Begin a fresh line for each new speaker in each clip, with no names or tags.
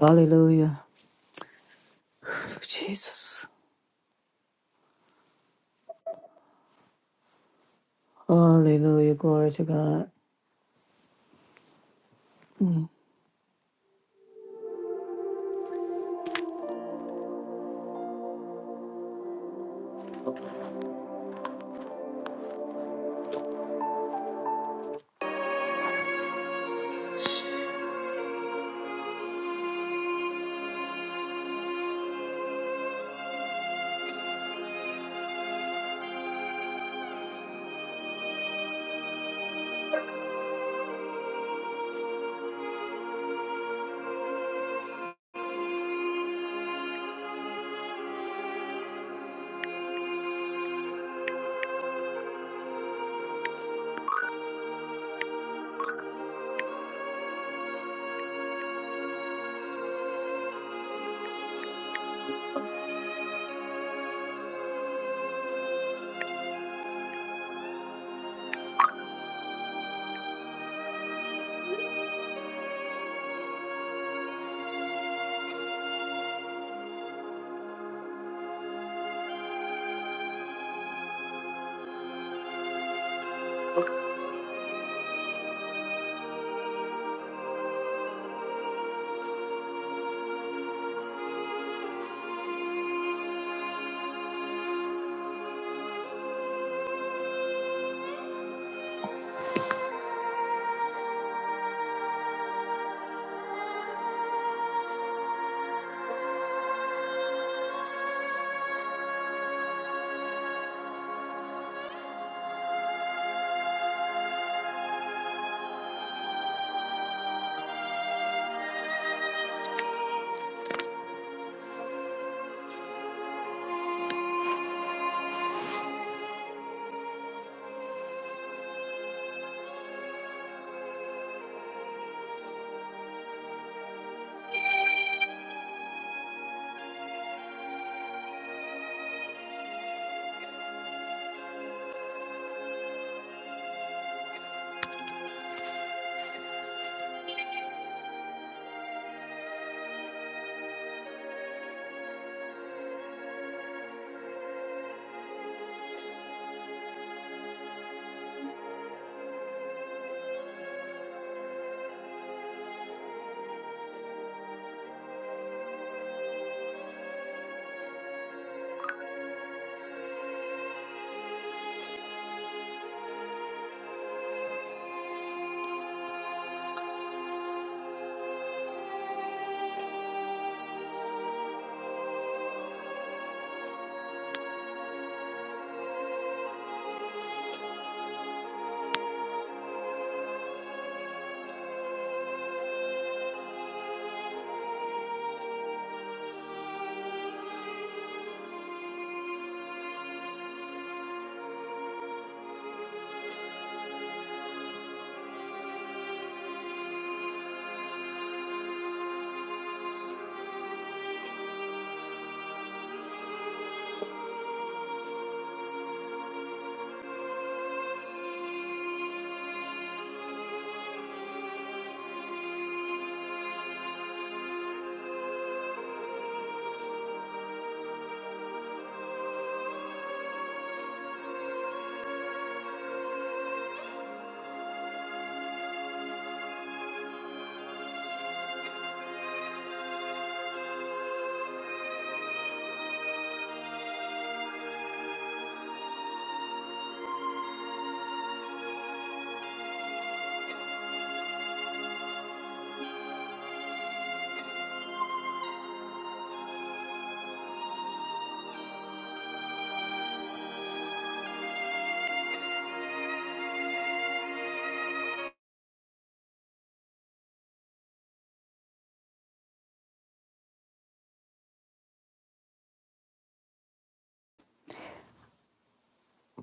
Hallelujah. Jesus. Hallelujah. Glory to God.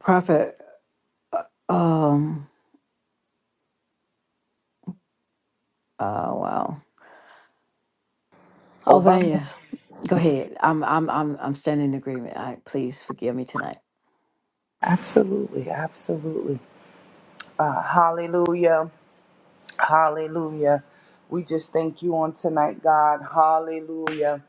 Prophet, um, oh wow. Oh
Ovama.
Vanya, go ahead. I'm I'm I'm I'm standing in agreement. I please forgive me tonight.
Absolutely, absolutely. Uh, hallelujah. Hallelujah. We just thank you on tonight, God. Hallelujah.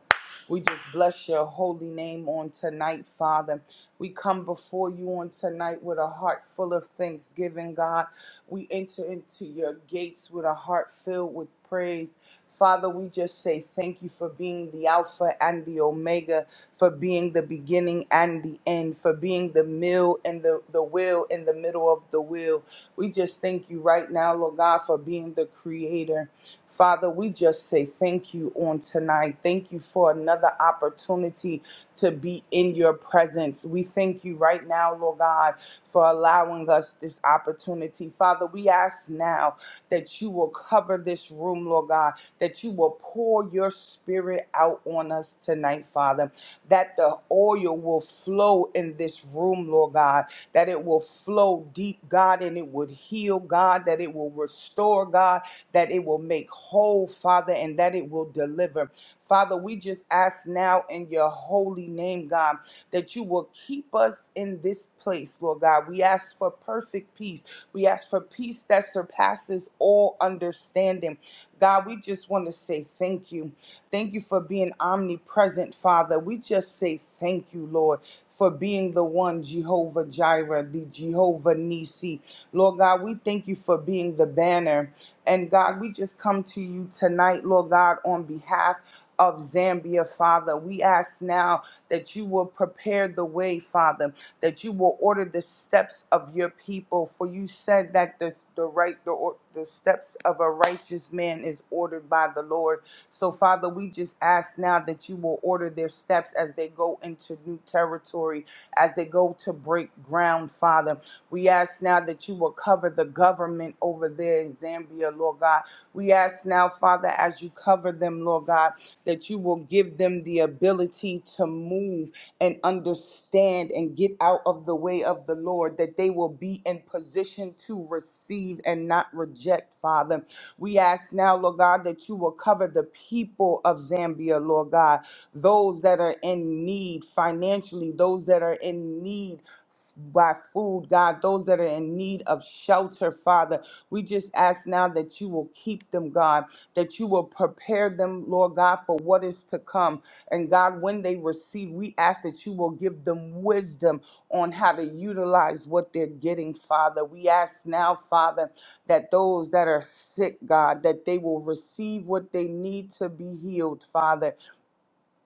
We just bless your holy name on tonight, Father. We come before you on tonight with a heart full of thanksgiving, God. We enter into your gates with a heart filled with praise. Father, we just say thank you for being the Alpha and the Omega, for being the beginning and the end, for being the mill and the, the will in the middle of the will. We just thank you right now, Lord God, for being the creator. Father, we just say thank you on tonight. Thank you for another opportunity to be in your presence. We thank you right now, Lord God, for allowing us this opportunity. Father, we ask now that you will cover this room, Lord God, that you will pour your spirit out on us tonight, Father, that the oil will flow in this room, Lord God that it will flow deep, God, and it would heal, God, that it will restore, God, that it will make whole, Father, and that it will deliver. Father, we just ask now in your holy name, God, that you will keep us in this place, Lord God. We ask for perfect peace. We ask for peace that surpasses all understanding. God, we just want to say thank you. Thank you for being omnipresent, Father. We just say thank you, Lord for being the one Jehovah Jireh, the Jehovah Nisi. Lord God, we thank you for being the banner. And God, we just come to you tonight, Lord God, on behalf of Zambia, Father. We ask now that you will prepare the way, Father, that you will order the steps of your people. For you said that the, the right the, the steps of a righteous man is ordered by the Lord. So, Father, we just ask now that you will order their steps as they go into new territory, as they go to break ground, Father. We ask now that you will cover the government over there in Zambia, Lord God. We ask now, Father, as you cover them, Lord God, that you will give them the ability to move and understand and get out of the way of the Lord, that they will be in position to receive and not reject, Father. We ask now, Lord God, that you will cover the people of Zambia, Lord God, those that are in need financially, those that are in need by food, God, those that are in need of shelter, Father. We just ask now that you will keep them, God, that you will prepare them, Lord God, for what is to come. And God, when they receive, we ask that you will give them wisdom on how to utilize what they're getting, Father. We ask now, Father that those that are sick, God, that they will receive what they need to be healed, Father.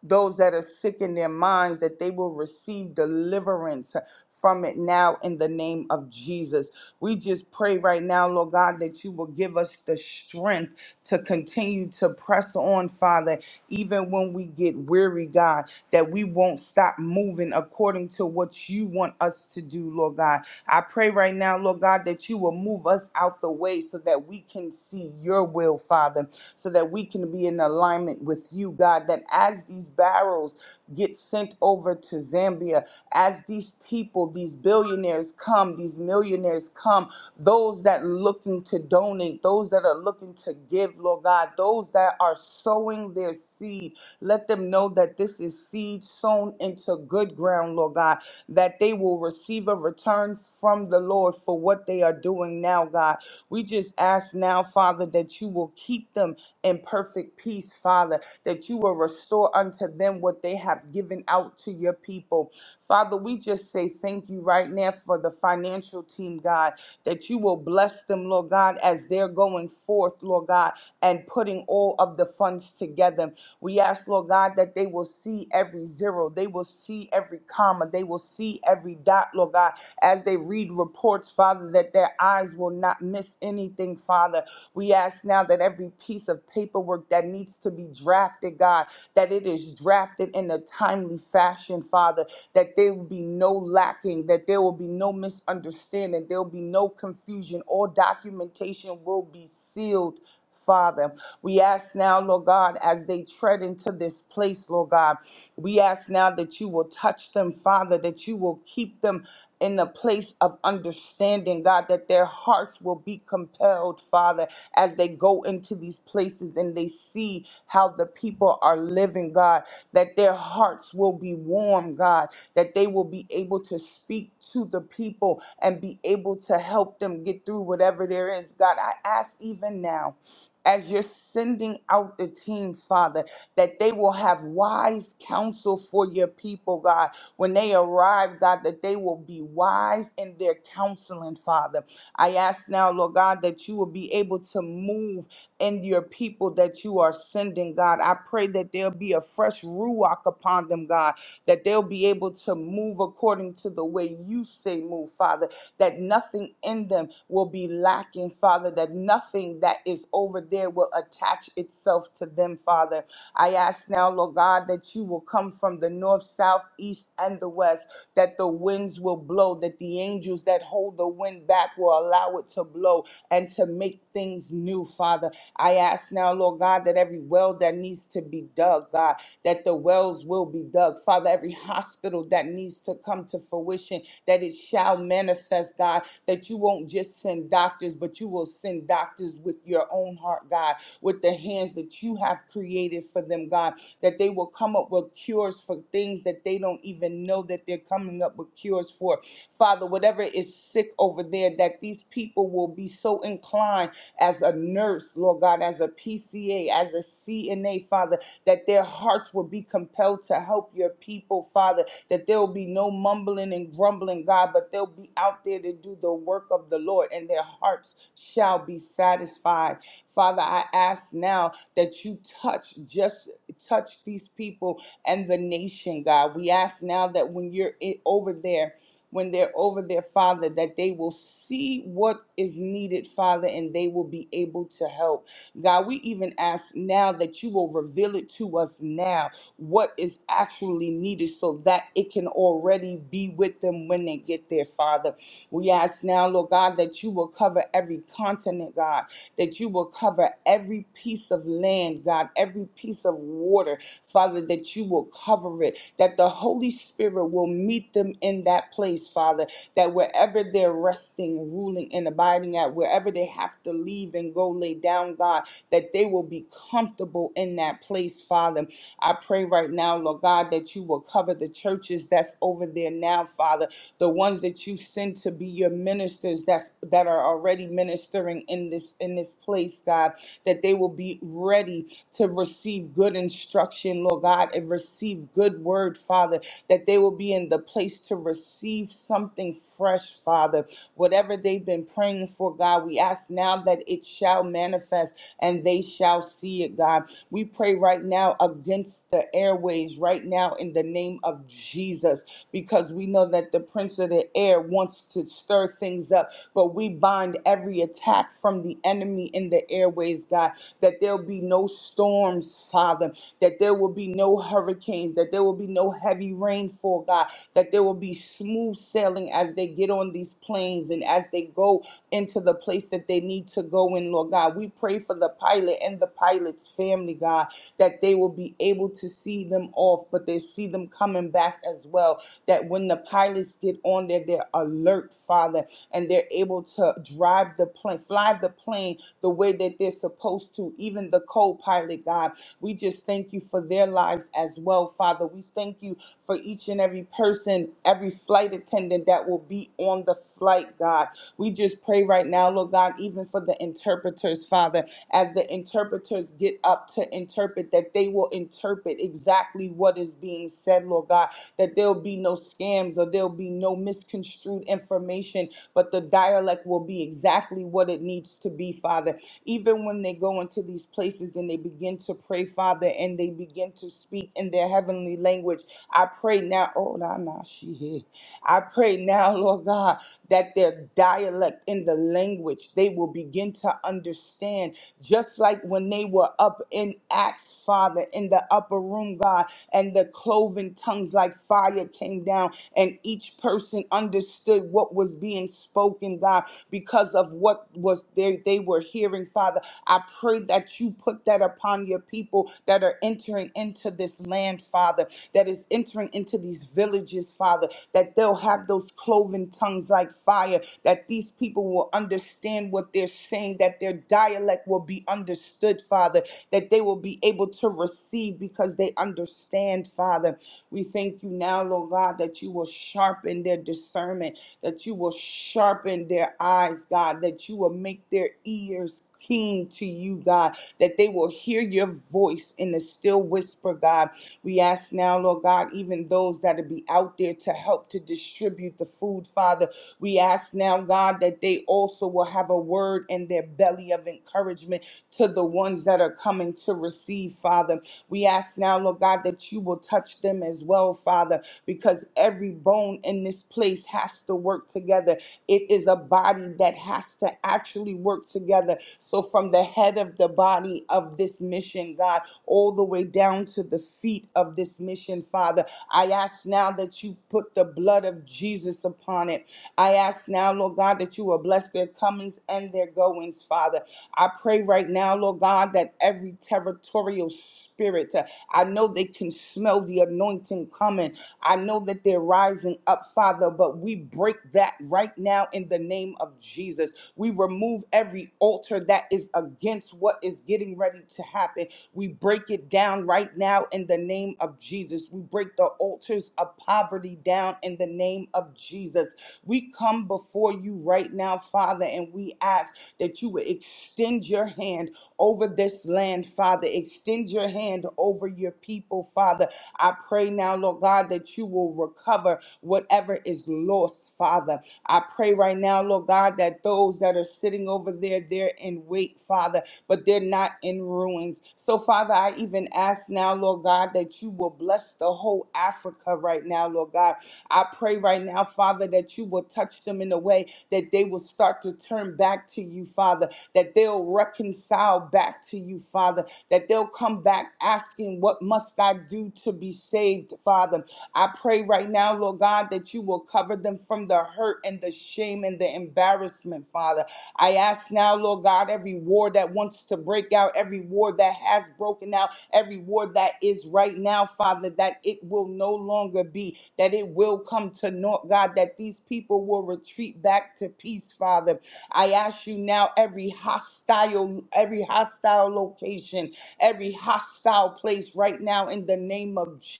Those that are sick in their minds, that they will receive deliverance from it now in the name of Jesus. We just pray right now, Lord God, that you will give us the strength to continue to press on, Father, even when we get weary, God, that we won't stop moving according to what you want us to do, Lord God. I pray right now, Lord God, that you will move us out the way so that we can see your will, Father, so that we can be in alignment with you, God, that as these barrels get sent over to Zambia, as these people, these billionaires come, these millionaires come, those that looking to donate, those that are looking to give give, Lord God. Those that are sowing their seed, let them know that this is seed sown into good ground, Lord God, that they will receive a return from the Lord for what they are doing now, God. We just ask now, Father, that you will keep them in perfect peace, Father, that you will restore unto them what they have given out to your people. Father, we just say thank you right now for the financial team, God, that you will bless them, Lord God, as they're going forth, Lord God, and putting all of the funds together. We ask, Lord God, that they will see every zero, they will see every comma, they will see every dot, Lord God, as they read reports, Father, that their eyes will not miss anything, Father. We ask now ask now that every piece of paperwork that needs to be drafted, God, that it is drafted in a timely fashion, Father, that there will be no lacking, that there will be no misunderstanding, there will be no confusion. All documentation will be sealed Father, we ask now, Lord God, as they tread into this place, Lord God, we ask now that you will touch them, Father, that you will keep them in a place of understanding, God, that their hearts will be compelled, Father, as they go into these places and they see how the people are living, God, that their hearts will be warm, God, that they will be able to speak to the people and be able to help them get through whatever there is. God, I ask even now as you're sending out the team, Father, that they will have wise counsel for your people, God. When they arrive, God, that they will be wise in their counseling, Father. I ask now, Lord God, that you will be able to move in your people that you are sending, God. I pray that there'll be a fresh ruach upon them, God, that they'll be able to move according to the way you say move, Father that nothing in them will be lacking, Father, that nothing that is over there will attach itself to them, Father. I ask now, Lord God, that you will come from the north, south, east, and the west, that the winds will blow, that the angels that hold the wind back will allow it to blow and to make things new, Father. I ask now, Lord God, that every well that needs to be dug, God, that the wells will be dug. Father, every hospital that needs to come to fruition, that it shall manifest, God, that you won't just send doctors, but you will send doctors with your own heart, God, with the hands that you have created for them, God, that they will come up with cures for things that they don't even know that they're coming up with cures for. Father, whatever is sick over there, that these people will be so inclined as a nurse, Lord God, as a PCA, as a CNA, Father that their hearts will be compelled to help your people, Father, that there will be no mumbling and grumbling, God, but they'll be out there to do the work of the Lord, and their hearts shall be satisfied. Father, I ask now that you touch, just touch these people and the nation, God. We ask now that when you're i- over there, when they're over there, father, that they will see what is needed, Father, and they will be able to help. God, we even ask now that you will reveal it to us now what is actually needed so that it can already be with them when they get there, Father. We ask now, Lord God, that you will cover every continent, God, that you will cover every piece of land, God, every piece of water, Father, that you will cover it, that the Holy Spirit will meet them in that place, Father, that wherever they're resting, ruling, and abiding at, wherever they have to leave and go lay down, God, that they will be comfortable in that place, Father. I pray right now, Lord God, that you will cover the churches that's over there now, Father, the ones that you send to be your ministers that's that are already ministering in this in this place, God, that they will be ready to receive good instruction, Lord God, and receive good word, Father, that they will be in the place to receive something fresh, Father. Whatever they've been praying for, God, we ask now that it shall manifest and they shall see it, God. We pray right now against the airways right now in the name of Jesus because we know that the prince of the air wants to stir things up, but we bind every attack from the enemy in the airways, God, that there'll be no storms, Father, that there will be no hurricanes, that there will be no heavy rainfall, God, that there will be smooth sailing as they get on these planes and as they go into the place that they need to go in, Lord God. We pray for the pilot and the pilot's family, God, that they will be able to see them off, but they see them coming back as well. That when the pilots get on there, they're alert, Father, and they're able to drive the plane, fly the plane the way that they're supposed to, even the co pilot, God. We just thank you for their lives as well, Father. We thank you for each and every person, every flight attendant that will be on the flight, God. We just pray right now, Lord God, even for the interpreters, Father, as the interpreters get up to interpret, that they will interpret exactly what is being said, Lord God, that there'll be no scams or there'll be no misconstrued information, but the dialect will be exactly what it needs to be, Father. Even when they go into these places and they begin to pray, Father, and they begin to speak in their heavenly language, I pray now, oh, nah, nah, she here. I pray now, Lord God, that their dialect in the language they will begin to understand, just like when they were up in Acts, Father, in the upper room, God, and the cloven tongues like fire came down, and each person understood what was being spoken, God, because of what was there they were hearing, Father. I pray that you put that that upon your people that are entering into this land, Father, that is entering into these villages, Father, that they'll have those cloven tongues like fire, that these people will understand what they're saying, that their dialect will be understood, Father, that they will be able to receive because they understand, Father. We thank you now, Lord God, that you will sharpen their discernment, that you will sharpen their eyes, God, that you will make their ears keen to you, God, that they will hear your voice in the still whisper, God. We ask now, Lord God, even those that will be out there to help to distribute the food, Father. We ask now, God, that they also will have a word in their belly of encouragement to the ones that are coming to receive, Father. We ask now, Lord God, that you will touch them as well, Father, because every bone in this place has to work together it is a body that has to actually work together. So, from the head of the body of this mission, God, all the way down to the feet of this mission, Father, I ask now that you put the blood of Jesus upon it. I ask now, Lord God, that you will bless their comings and their goings, Father. I pray right now, Lord God, that every territorial spirit, uh, I know they can smell the anointing coming. I know that they're rising up, Father, but we break that right now in the name of Jesus. We remove every altar that is against what is getting ready to happen. We break it down right now in the name of Jesus. We break the altars of poverty down in the name of Jesus. We come before you right now, Father, and we ask that you would extend your hand over this land, Father. Extend your hand over your people, Father I pray now, Lord God, that you will recover whatever is lost, Father. I pray right now, Lord God, that those that are sitting over there, they're in wait, Father, but they're not in ruins. So, Father, I even ask now, Lord God, that you will bless the whole Africa right now, Lord God. I pray right now, Father, that you will touch them in a way that they will start to turn back to you, Father, that they'll reconcile back to you, Father, that they'll come back asking, What must I do to be saved, Father? I pray right now, Lord God, that you will cover them from the hurt and the shame and the embarrassment, Father. I ask now, Lord God, every war that wants to break out, every war that has broken out, every war that is right now, Father, that it will no longer be, that it will come to naught, God, that these people will retreat back to peace, Father. I ask you now, every hostile, every hostile location every hostile place right now in the name of J-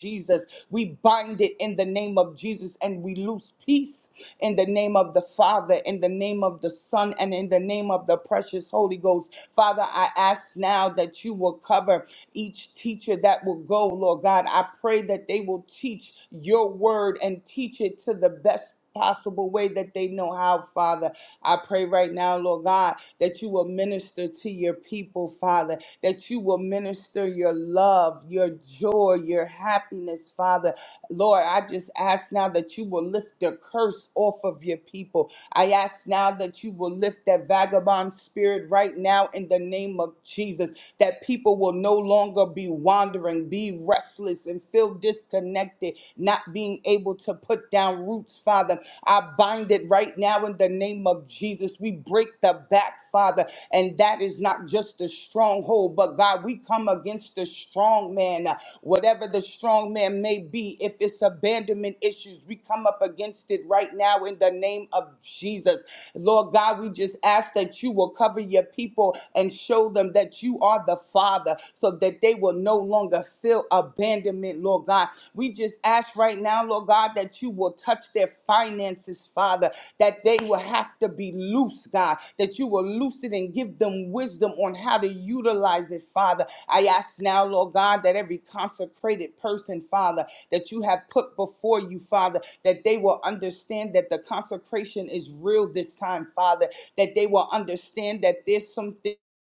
Jesus. We bind it in the name of Jesus and we lose peace in the name of the Father, in the name of the Son, and in the name of the precious Holy Ghost. Father, I ask now that you will cover each teacher that will go, Lord God. I pray that they will teach your word and teach it to the best possible way that they know how, Father. I pray right now, Lord God, that you will minister to your people, Father that you will minister your love, your joy, your happiness, Father. Lord, I just ask now that you will lift the curse off of your people. I ask now that you will lift that vagabond spirit right now in the name of Jesus that people will no longer be wandering, be restless, and feel disconnected, not being able to put down roots, Father. I bind it right now in the name of Jesus. We break the back, Father, and that is not just a stronghold, but God, we come against the strong man, uh, whatever the strong man may be. If it's abandonment issues, we come up against it right now in the name of Jesus. Lord God, we just ask that you will cover your people and show them them that you are the Father so that they will no longer feel abandonment, Lord God. We just ask right now, Lord God, that you will touch their finances, Father, that they will have to be loose, God, that you will loose it and give them wisdom on how to utilize it, Father. I ask now, Lord God, that every consecrated person, Father, that you have put before you, Father, that they will understand that the consecration is real this time, Father, that they will understand that there's something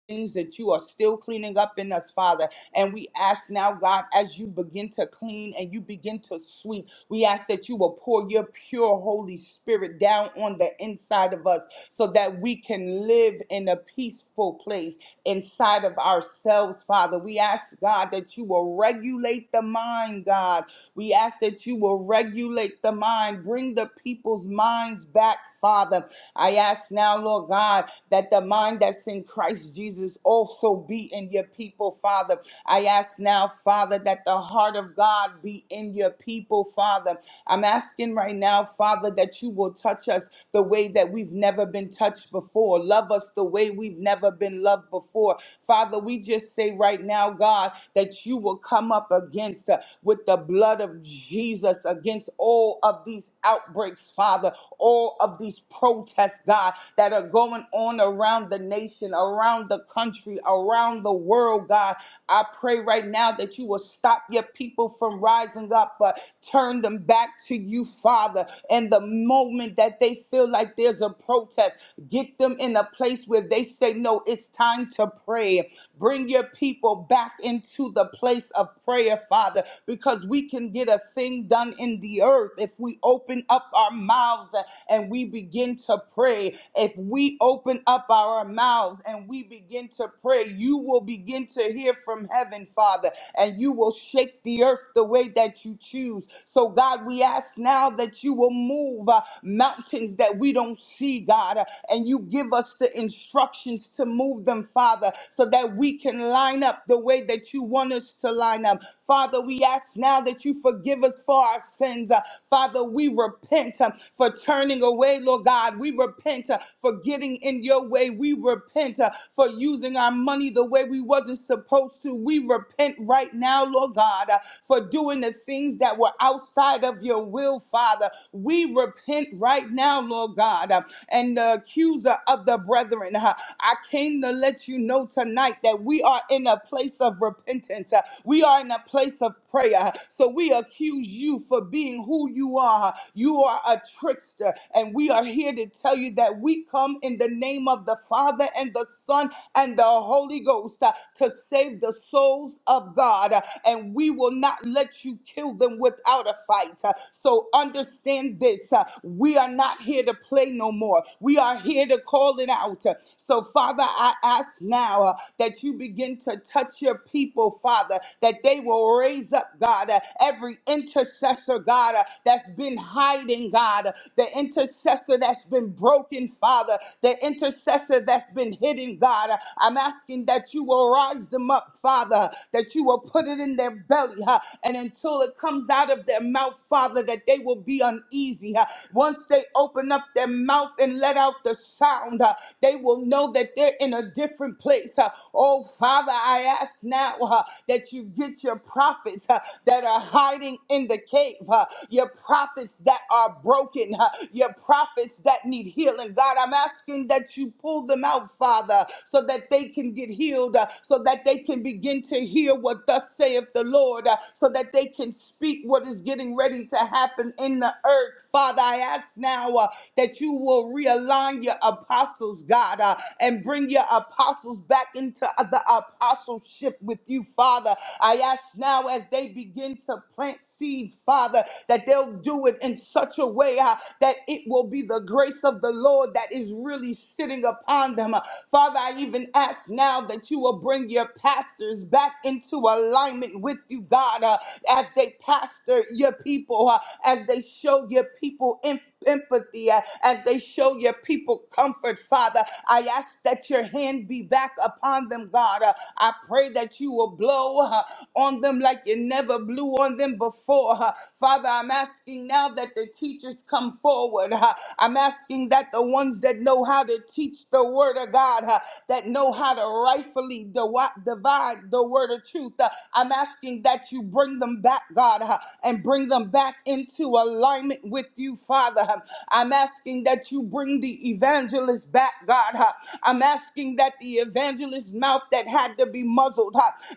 things that you are still cleaning up in us, Father. And we ask now, God, as you begin to clean and you begin to sweep, we ask that you will pour your pure Holy Spirit down on the inside of us so that we can live in a peaceful place inside of ourselves, Father. We ask, God, that you will regulate the mind, God. We ask that you will regulate the mind, bring the people's minds back, Father. I ask now, Lord God, that the mind that's in Christ Jesus also be in your people, Father. I ask now, Father, that the heart of God be in your people, Father. I'm I'm asking right now, Father, that you will touch us the way that we've never been touched before. Love us the way we've never been loved before. Father, we just say right now, God, that you will come up against uh, with the blood of Jesus against all of these outbreaks, Father, all of these protests, God, that are going on around the nation, around the country, around the world, God. I pray right now that you will stop your people from rising up, but turn them back to you, Father. And the moment that they feel like there's a protest, get them in a place where they say, No, it's time to pray. Bring your people back into the place of prayer, Father, because we can get a thing done in the earth if we open up our mouths and we begin to pray. If we open up our mouths and we begin to pray, you will begin to hear from heaven, Father, and you will shake the earth the way that you choose. So, God, we ask now that you will move uh, mountains that we don't see, God, uh, and you give us the instructions to move them, Father so that we can line up the way that you want us to line up. Father, we ask now that you forgive us for our sins. Uh, Father, we repent uh, for turning away, Lord God. We repent uh, for getting in your way. We repent uh, for using our money the way we wasn't supposed to. We repent right now, Lord God, uh, for doing the things that were outside of your will, Father. We repent right now, Lord God, uh, and the accuser of the brethren. uh, I came to let you know tonight that we are in a place of repentance. Uh, We are in a place of prayer. So we accuse you for being who you are. You are a trickster. And we are here to tell you that we come in the name of the Father and the Son and the Holy Ghost uh, to save the souls of God. Uh, And we will not let you kill them without a fight. Uh, So understand this. uh, We are not here to play no more. We are here to call it out. Uh, So, Father, Father, I ask now uh, that you begin to touch your people, Father, that they will raise up, God, uh, every intercessor, God, uh, that's been hiding, God, uh, the intercessor that's been broken, Father, the intercessor that's been hidden, God. Uh, I'm asking that you will rise them up, Father, that you will put it in their belly, huh, and until it comes out of their mouth, Father, that they will be uneasy. huh. Once they open up their mouth and let out the sound, huh, they will will know that they're in a different place. Uh, Oh, Father, I ask now uh, that you get your prophets uh, that are hiding in the cave, uh, your prophets that are broken, uh, your prophets that need healing. God, I'm asking that you pull them out, Father, so that they can get healed, uh, so that they can begin to hear what thus saith the Lord, uh, so that they can speak what is getting ready to happen in the earth. Father, I ask now uh, that you will realign your apostles apostles, God, uh, and bring your apostles back into the apostleship with you, Father. I ask now as they begin to plant seeds, Father, that they'll do it in such a way uh, that it will be the grace of the Lord that is really sitting upon them. Uh, Father, I even ask now that you will bring your pastors back into alignment with you, God, uh, as they pastor your people, uh, as they show your people inf- empathy uh, as they show your people comfort, Father. I ask that your hand be back upon them, God. Uh, I pray that you will blow uh, on them like you never blew on them before. uh. Father, I'm asking now that the teachers come forward. uh. I'm asking that the ones that know how to teach the word of God, uh, that know how to rightfully diwi- divide the word of truth, uh, I'm asking that you bring them back, God, uh, and bring them back into alignment with you, Father. Father. I'm asking that you bring the evangelist back, God. I'm asking that the evangelist's mouth that had to be muzzled,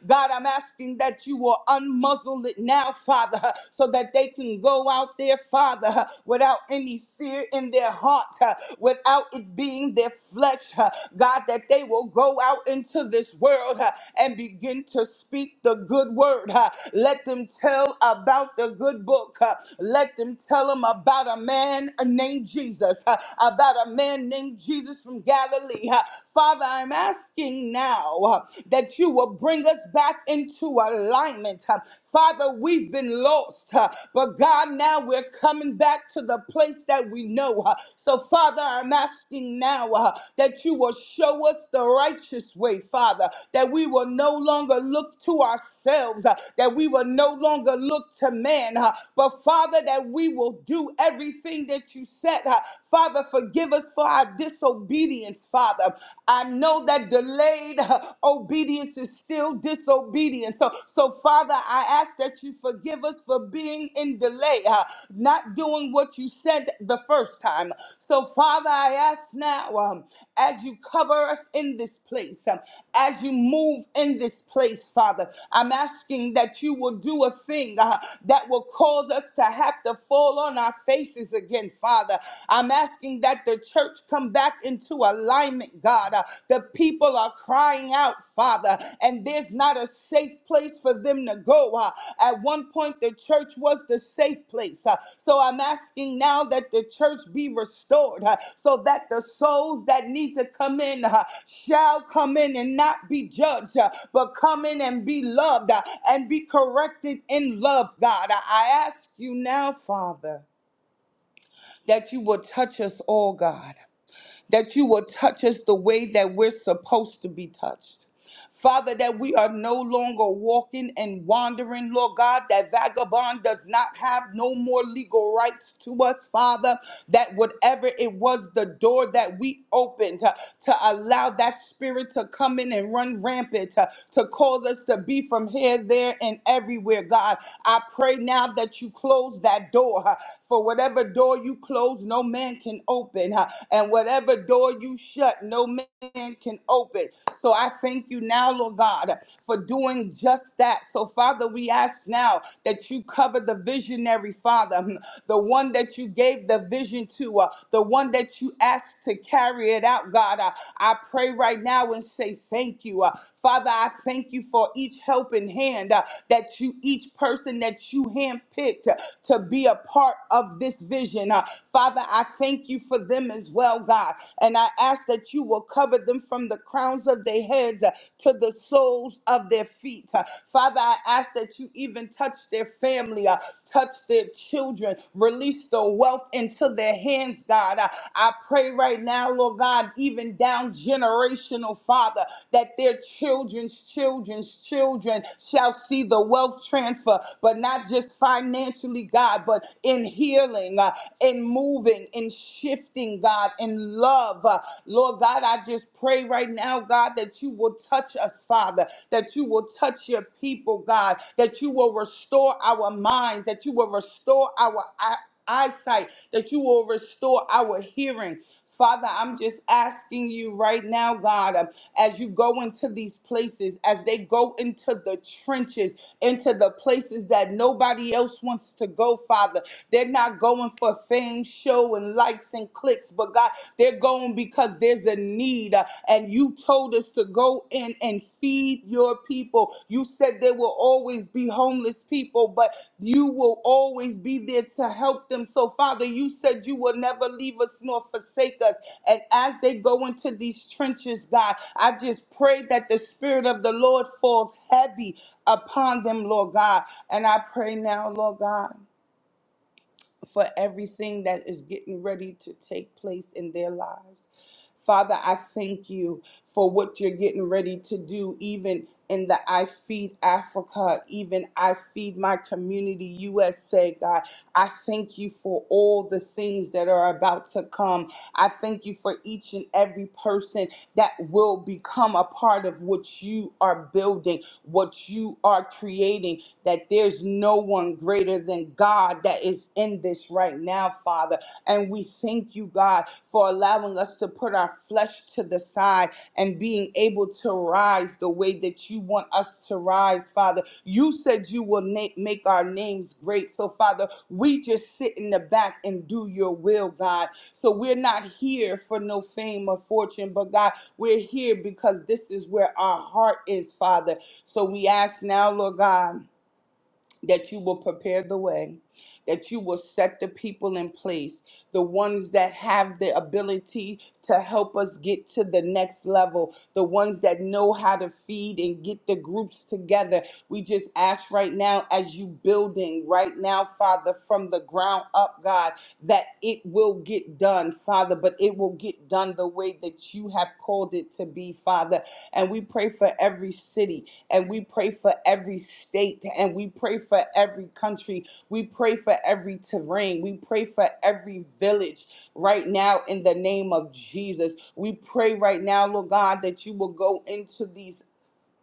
God, I'm asking that you will unmuzzle it now, Father, so that they can go out there, Father, without any fear in their heart, without it being their flesh, God, that they will go out into this world and begin to speak the good word. Let them tell about the good book. Let them tell them about a man named Jesus, uh, about a man named Jesus from Galilee. Uh, Father, I'm asking now uh, that you will bring us back into alignment. Uh, Father, we've been lost, uh, but God, now we're coming back to the place that we know. uh. So, Father, I'm asking now uh, that you will show us the righteous way, Father, that we will no longer look to ourselves, uh, that we will no longer look to man, uh, but Father, that we will do everything that you said. uh, Father, forgive us for our disobedience, Father. I know that delayed uh, obedience is still disobedience. So, so Father, I ask that you forgive us for being in delay, uh, not doing what you said the first time. So, Father, I ask now. um, as you cover us in this place, um, as you move in this place, Father. I'm asking that you will do a thing uh, that will cause us to have to fall on our faces again, Father. I'm asking that the church come back into alignment, God. Uh, the people are crying out, Father, and there's not a safe place for them to go. Uh, at one point, the church was the safe place. Uh, so I'm asking now that the church be restored uh, so that the souls that need to come in uh, shall come in and not be judged, uh, but come in and be loved uh, and be corrected in love, God. I I ask you now, Father, that you will touch us all, God that you will touch us the way that we're supposed to be touched. Father, that we are no longer walking and wandering, Lord God, that vagabond does not have no more legal rights to us, Father, that whatever it was the door that we opened uh, to, allow that spirit to come in and run rampant, uh, to cause us to be from here, there, and everywhere, God. I pray now that you close that door, uh, for whatever door you close, no man can open open. huh? And whatever door you shut, no man can open. So I thank you now, Lord God, for doing just that. So, Father, we ask now that you cover the visionary, Father, hmm, the one that you gave the vision to, uh, the one that you asked to carry it out, God. Uh, I pray right now and say thank you. Uh, Father, I thank you for each helping hand uh, that you, each person that you handpicked uh, to be a part of this vision. Uh, Father, I I thank you for them as well, God. And I ask that you will cover them from the crowns of their heads uh, to the soles of their feet. Uh, Father, I ask that you even touch their family, uh, touch their children, release the wealth into their hands, God. Uh, I pray right now, Lord God, even down generational, Father, that their children's children's children shall see the wealth transfer, but not just financially, God, but in healing. uh, and moving and shifting, God, in love. Uh, Lord God, I just pray right now, God, that you will touch us, Father, that you will touch your people, God, that you will restore our minds, that you will restore our eye- eyesight, that you will restore our hearing. Father, I'm just asking you right now, God, uh, as you go into these places, as they go into the trenches, into the places that nobody else wants to go, Father, they're not going for fame, show, and likes and clicks, but God, they're going because there's a need. uh, And you told us to go in and feed your people. You said there will always be homeless people, but you will always be there to help them. So, Father, you said you will never leave us nor forsake us. And as they go into these trenches, God, I just pray that the Spirit of the Lord falls heavy upon them, Lord God. And I pray now, Lord God, for everything that is getting ready to take place in their lives. Father, I thank you for what you're getting ready to do, even in the I Feed Africa, even I Feed My Community USA, God. I thank you for all the things that are about to come. I thank you for each and every person that will become a part of what you are building, what you are creating, that there's no one greater than God that is in this right now, Father. And we thank you, God, for allowing us to put our flesh to the side and being able to rise the way that you want us to rise, Father. You said you will na- make our names great. So, Father, we just sit in the back and do your will, God. So, we're not here for no fame or fortune, but God, we're here because this is where our heart is, Father. So, we ask now, Lord God that you will prepare the way, that you will set the people in place, the ones that have the ability to help us get to the next level, the ones that know how to feed and get the groups together. We just ask right now, as you building right now, Father, from the ground up, God, that it will get done, Father, but it will get done the way that you have called it to be, Father. And we pray for every city and we pray for every state and we pray for every country. We pray for every terrain. We pray for every village right now in the name of Jesus. We pray right now, Lord God, that you will go into these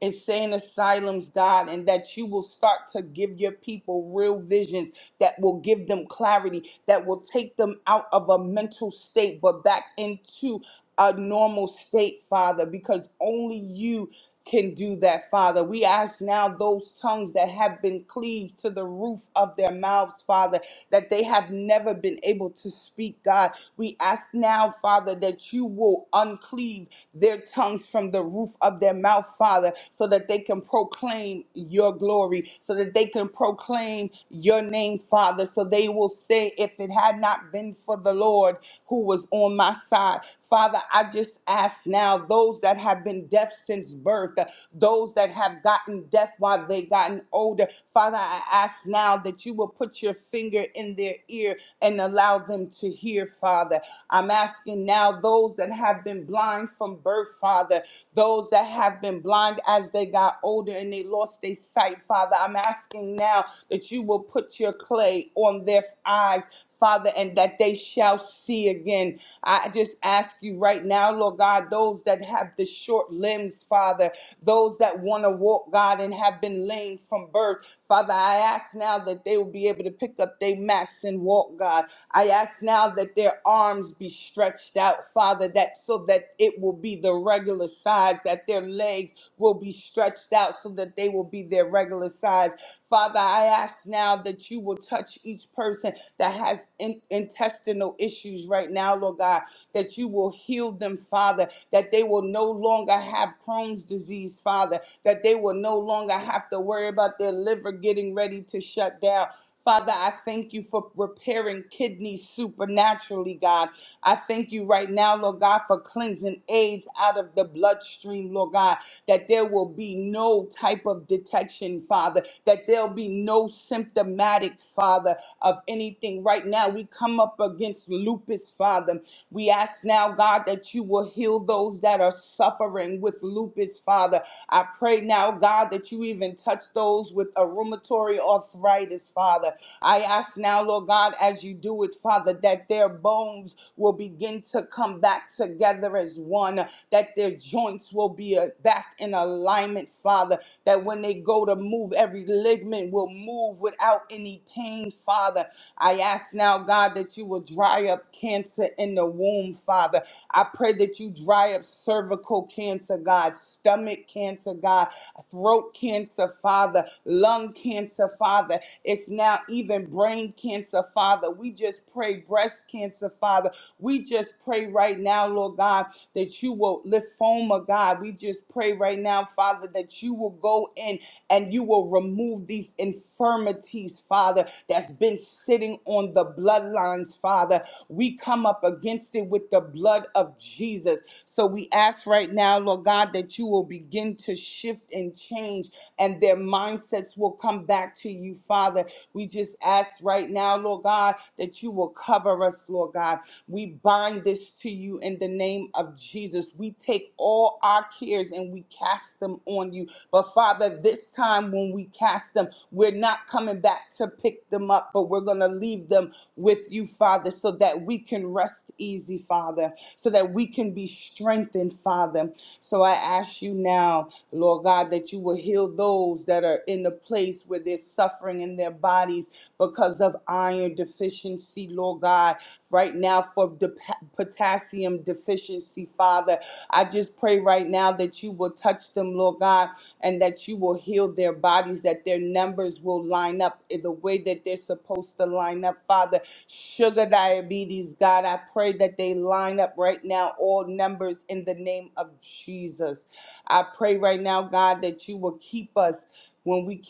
is saying asylums, God, and that you will start to give your people real visions that will give them clarity, that will take them out of a mental state, but back into a normal state, Father, because only you can do that, Father. We ask now those tongues that have been cleaved to the roof of their mouths, Father, that they have never been able to speak, God. We ask now, Father, that you will uncleave their tongues from the roof of their mouth, Father, so that they can proclaim your glory, so that they can proclaim your name, Father. So they will say, if it had not been for the Lord who was on my side, Father, I just ask now those that have been deaf since birth, those that have gotten deaf while they gotten older, Father, I ask now that you will put your finger in their ear and allow them to hear, Father. I'm asking now those that have been blind from birth, Father, those that have been blind as they got older and they lost their sight, Father. I'm asking now that you will put your clay on their eyes, Father, and that they shall see again. I just ask you right now, Lord God, those that have the short limbs, Father, those that want to walk, God, and have been lame from birth, Father, I ask now that they will be able to pick up their mats and walk, God. I ask now that their arms be stretched out, Father, that so that it will be the regular size, that their legs will be stretched out so that they will be their regular size. Father, I ask now that you will touch each person that has in- intestinal issues right now, Lord God, that you will heal them, Father, that they will no longer have Crohn's disease, Father, that they will no longer have to worry about their liver getting ready to shut down. Father, I thank you for repairing kidneys supernaturally, God. I thank you right now, Lord God, for cleansing AIDS out of the bloodstream, Lord God, that there will be no type of detection, Father, that there'll be no symptomatic, Father of anything. Right now, we come up against lupus, Father. We ask now, God, that you will heal those that are suffering with lupus, Father. I pray now, God, that you even touch those with a rheumatoid arthritis, Father. I ask now, Lord God, as you do it, Father, that their bones will begin to come back together as one, that their joints will be uh, back in alignment, Father, that when they go to move, every ligament will move without any pain, Father. I ask now, God, that you will dry up cancer in the womb, Father. I pray that you dry up cervical cancer, God, stomach cancer, God, throat cancer, Father, lung cancer, Father. It's now even brain cancer, Father. We just pray breast cancer, Father. We just pray right now, Lord God. God, that you will lift lymphoma, God. We just pray right now, Father, that you will go in and you will remove these infirmities, Father, that's been sitting on the bloodlines, Father. We come up against it with the blood of Jesus. So we ask right now, Lord God, that you will begin to shift and change and their mindsets will come back to you, Father. We just ask right now, Lord God, that you will cover us, Lord God. We bind this to you in the name of Jesus. We take all our cares and we cast them on you. But Father, this time when we cast them, we're not coming back to pick them up, but we're going to leave them with you, Father, so that we can rest easy, Father, so that we can be strengthened, Father. So I ask you now, Lord God, that you will heal those that are in the place where they're suffering in their bodies because of iron deficiency, Lord God right now for the potassium deficiency, Father. I just pray right now that you will touch them, Lord God, and that you will heal their bodies, that their numbers will line up in the way that they're supposed to line up, Father. Sugar diabetes, God, I pray that they line up right now, all numbers in the name of Jesus. I pray right now, God, that you will keep us. When we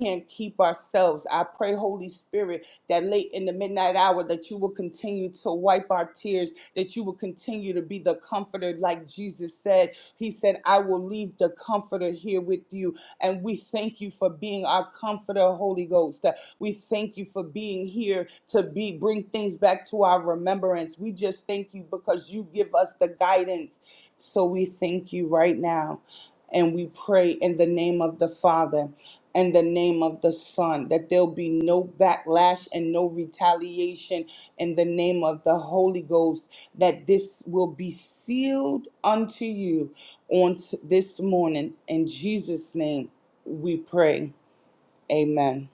can't keep ourselves. I pray, Holy Spirit, that late in the midnight hour that you will continue to wipe our tears, that you will continue to be the comforter like Jesus said. He said, "I will leave the comforter here with you." And we thank you for being our comforter, Holy Ghost. We thank you for being here to be bring things back to our remembrance. We just thank you because you give us the guidance. So we thank you right now. And we pray in the name of the Father in the name of the Son, that there'll be no backlash and no retaliation in the name of the Holy Ghost, that this will be sealed unto you on t- this morning. In Jesus' name we pray. Amen.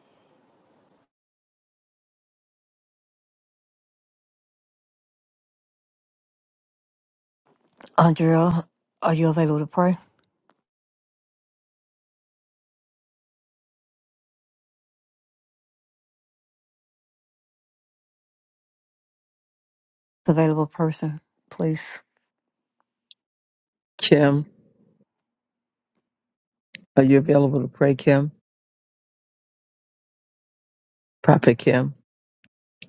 Andrea, are you available to pray? Available person, please.
Kim, are you available to pray, Kim? Prophet Kim.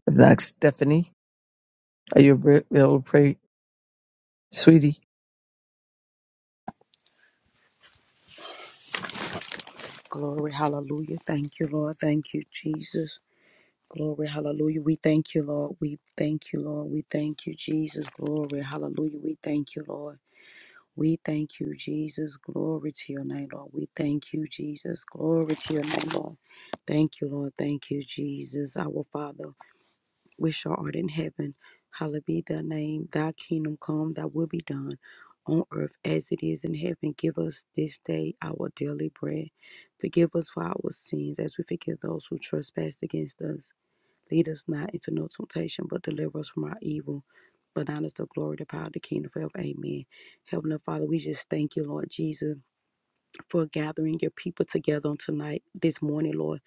If not, Stephanie, are you abra- available to pray, sweetie?
Glory, hallelujah. Thank you, Lord. Thank you, Jesus. Glory, hallelujah. We thank you, Lord. We thank you, Lord. We thank you, Jesus. Glory, hallelujah. We thank you, Lord. We thank you, Jesus. Glory to your name, Lord. We thank you, Jesus. Glory to your name, Lord. Thank you, Lord. Thank you, Jesus, our Father which art in heaven. Hallowed be thy name, thy kingdom come, thy will be done on earth as it is in heaven. Give us this day our daily bread. Forgive us for our sins as we forgive those who trespass against us. Lead us not into no temptation, but deliver us from our evil. But thine is the glory, the power, the kingdom forever. Amen. Heavenly Father, we just thank you, Lord Jesus for gathering your people together on tonight, this morning, Lord.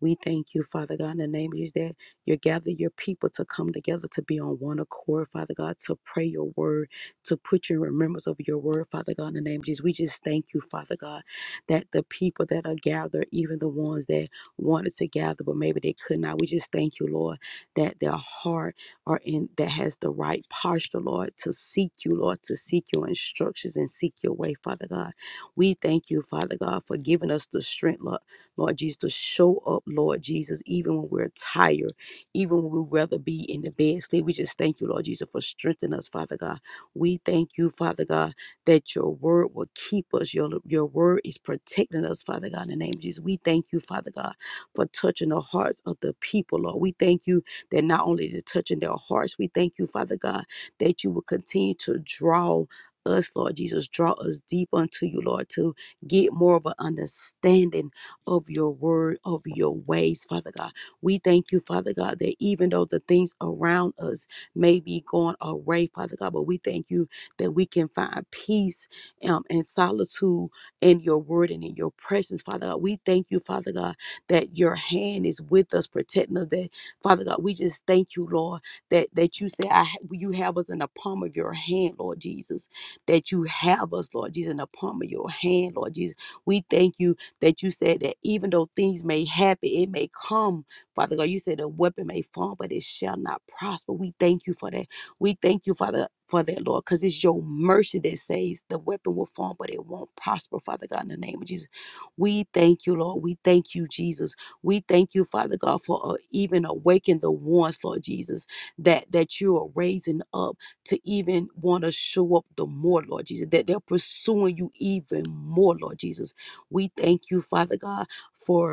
We thank you, Father God, in the name of Jesus, that you gather your people to come together to be on one accord, Father God, to pray your word, to put your remembrance of your word, Father God, in the name of Jesus. We just thank you, Father God, that the people that are gathered, even the ones that wanted to gather, but maybe they could not, we just thank you, Lord, that their heart are in that has the right posture, Lord, to seek you, Lord, to seek your instructions and seek your way, Father God. We thank you, Father God, for giving us the strength, Lord, Lord Jesus, to show up, Lord Jesus, even when we're tired, even when we'd rather be in the bed sleep. We just thank you, Lord Jesus, for strengthening us, Father God. We thank you, Father God, that your word will keep us. Your, your word is protecting us, Father God, in the name of Jesus. We thank you, Father God, for touching the hearts of the people, Lord. We thank you that not only is it touching their hearts, we thank you, Father God, that you will continue to draw us, Lord Jesus. Draw us deep unto you, Lord, to get more of an understanding of your word, of your ways, Father God. We thank you, Father God, that even though the things around us may be going away, Father God, but we thank you that we can find peace um, and solitude in your word and in your presence, Father God. We thank you, Father God, that your hand is with us, protecting us. That, Father God, we just thank you, Lord, that, that you say I, ha- you have us in the palm of your hand, Lord Jesus that you have us, Lord Jesus, in the palm of your hand, Lord Jesus. We thank you that you said that even though things may happen, it may come, Father God. You said a weapon may fall, but it shall not prosper. We thank you for that. We thank you, Father, for that, Lord, because it's your mercy that says the weapon will fall, but it won't prosper, Father God, in the name of Jesus. We thank you, Lord. We thank you, Jesus. We thank you, Father God, for uh, even awakening the ones, Lord Jesus, that that you are raising up to even want to show up the more, Lord Jesus, that they're pursuing you even more, Lord Jesus. We thank you, Father God, for.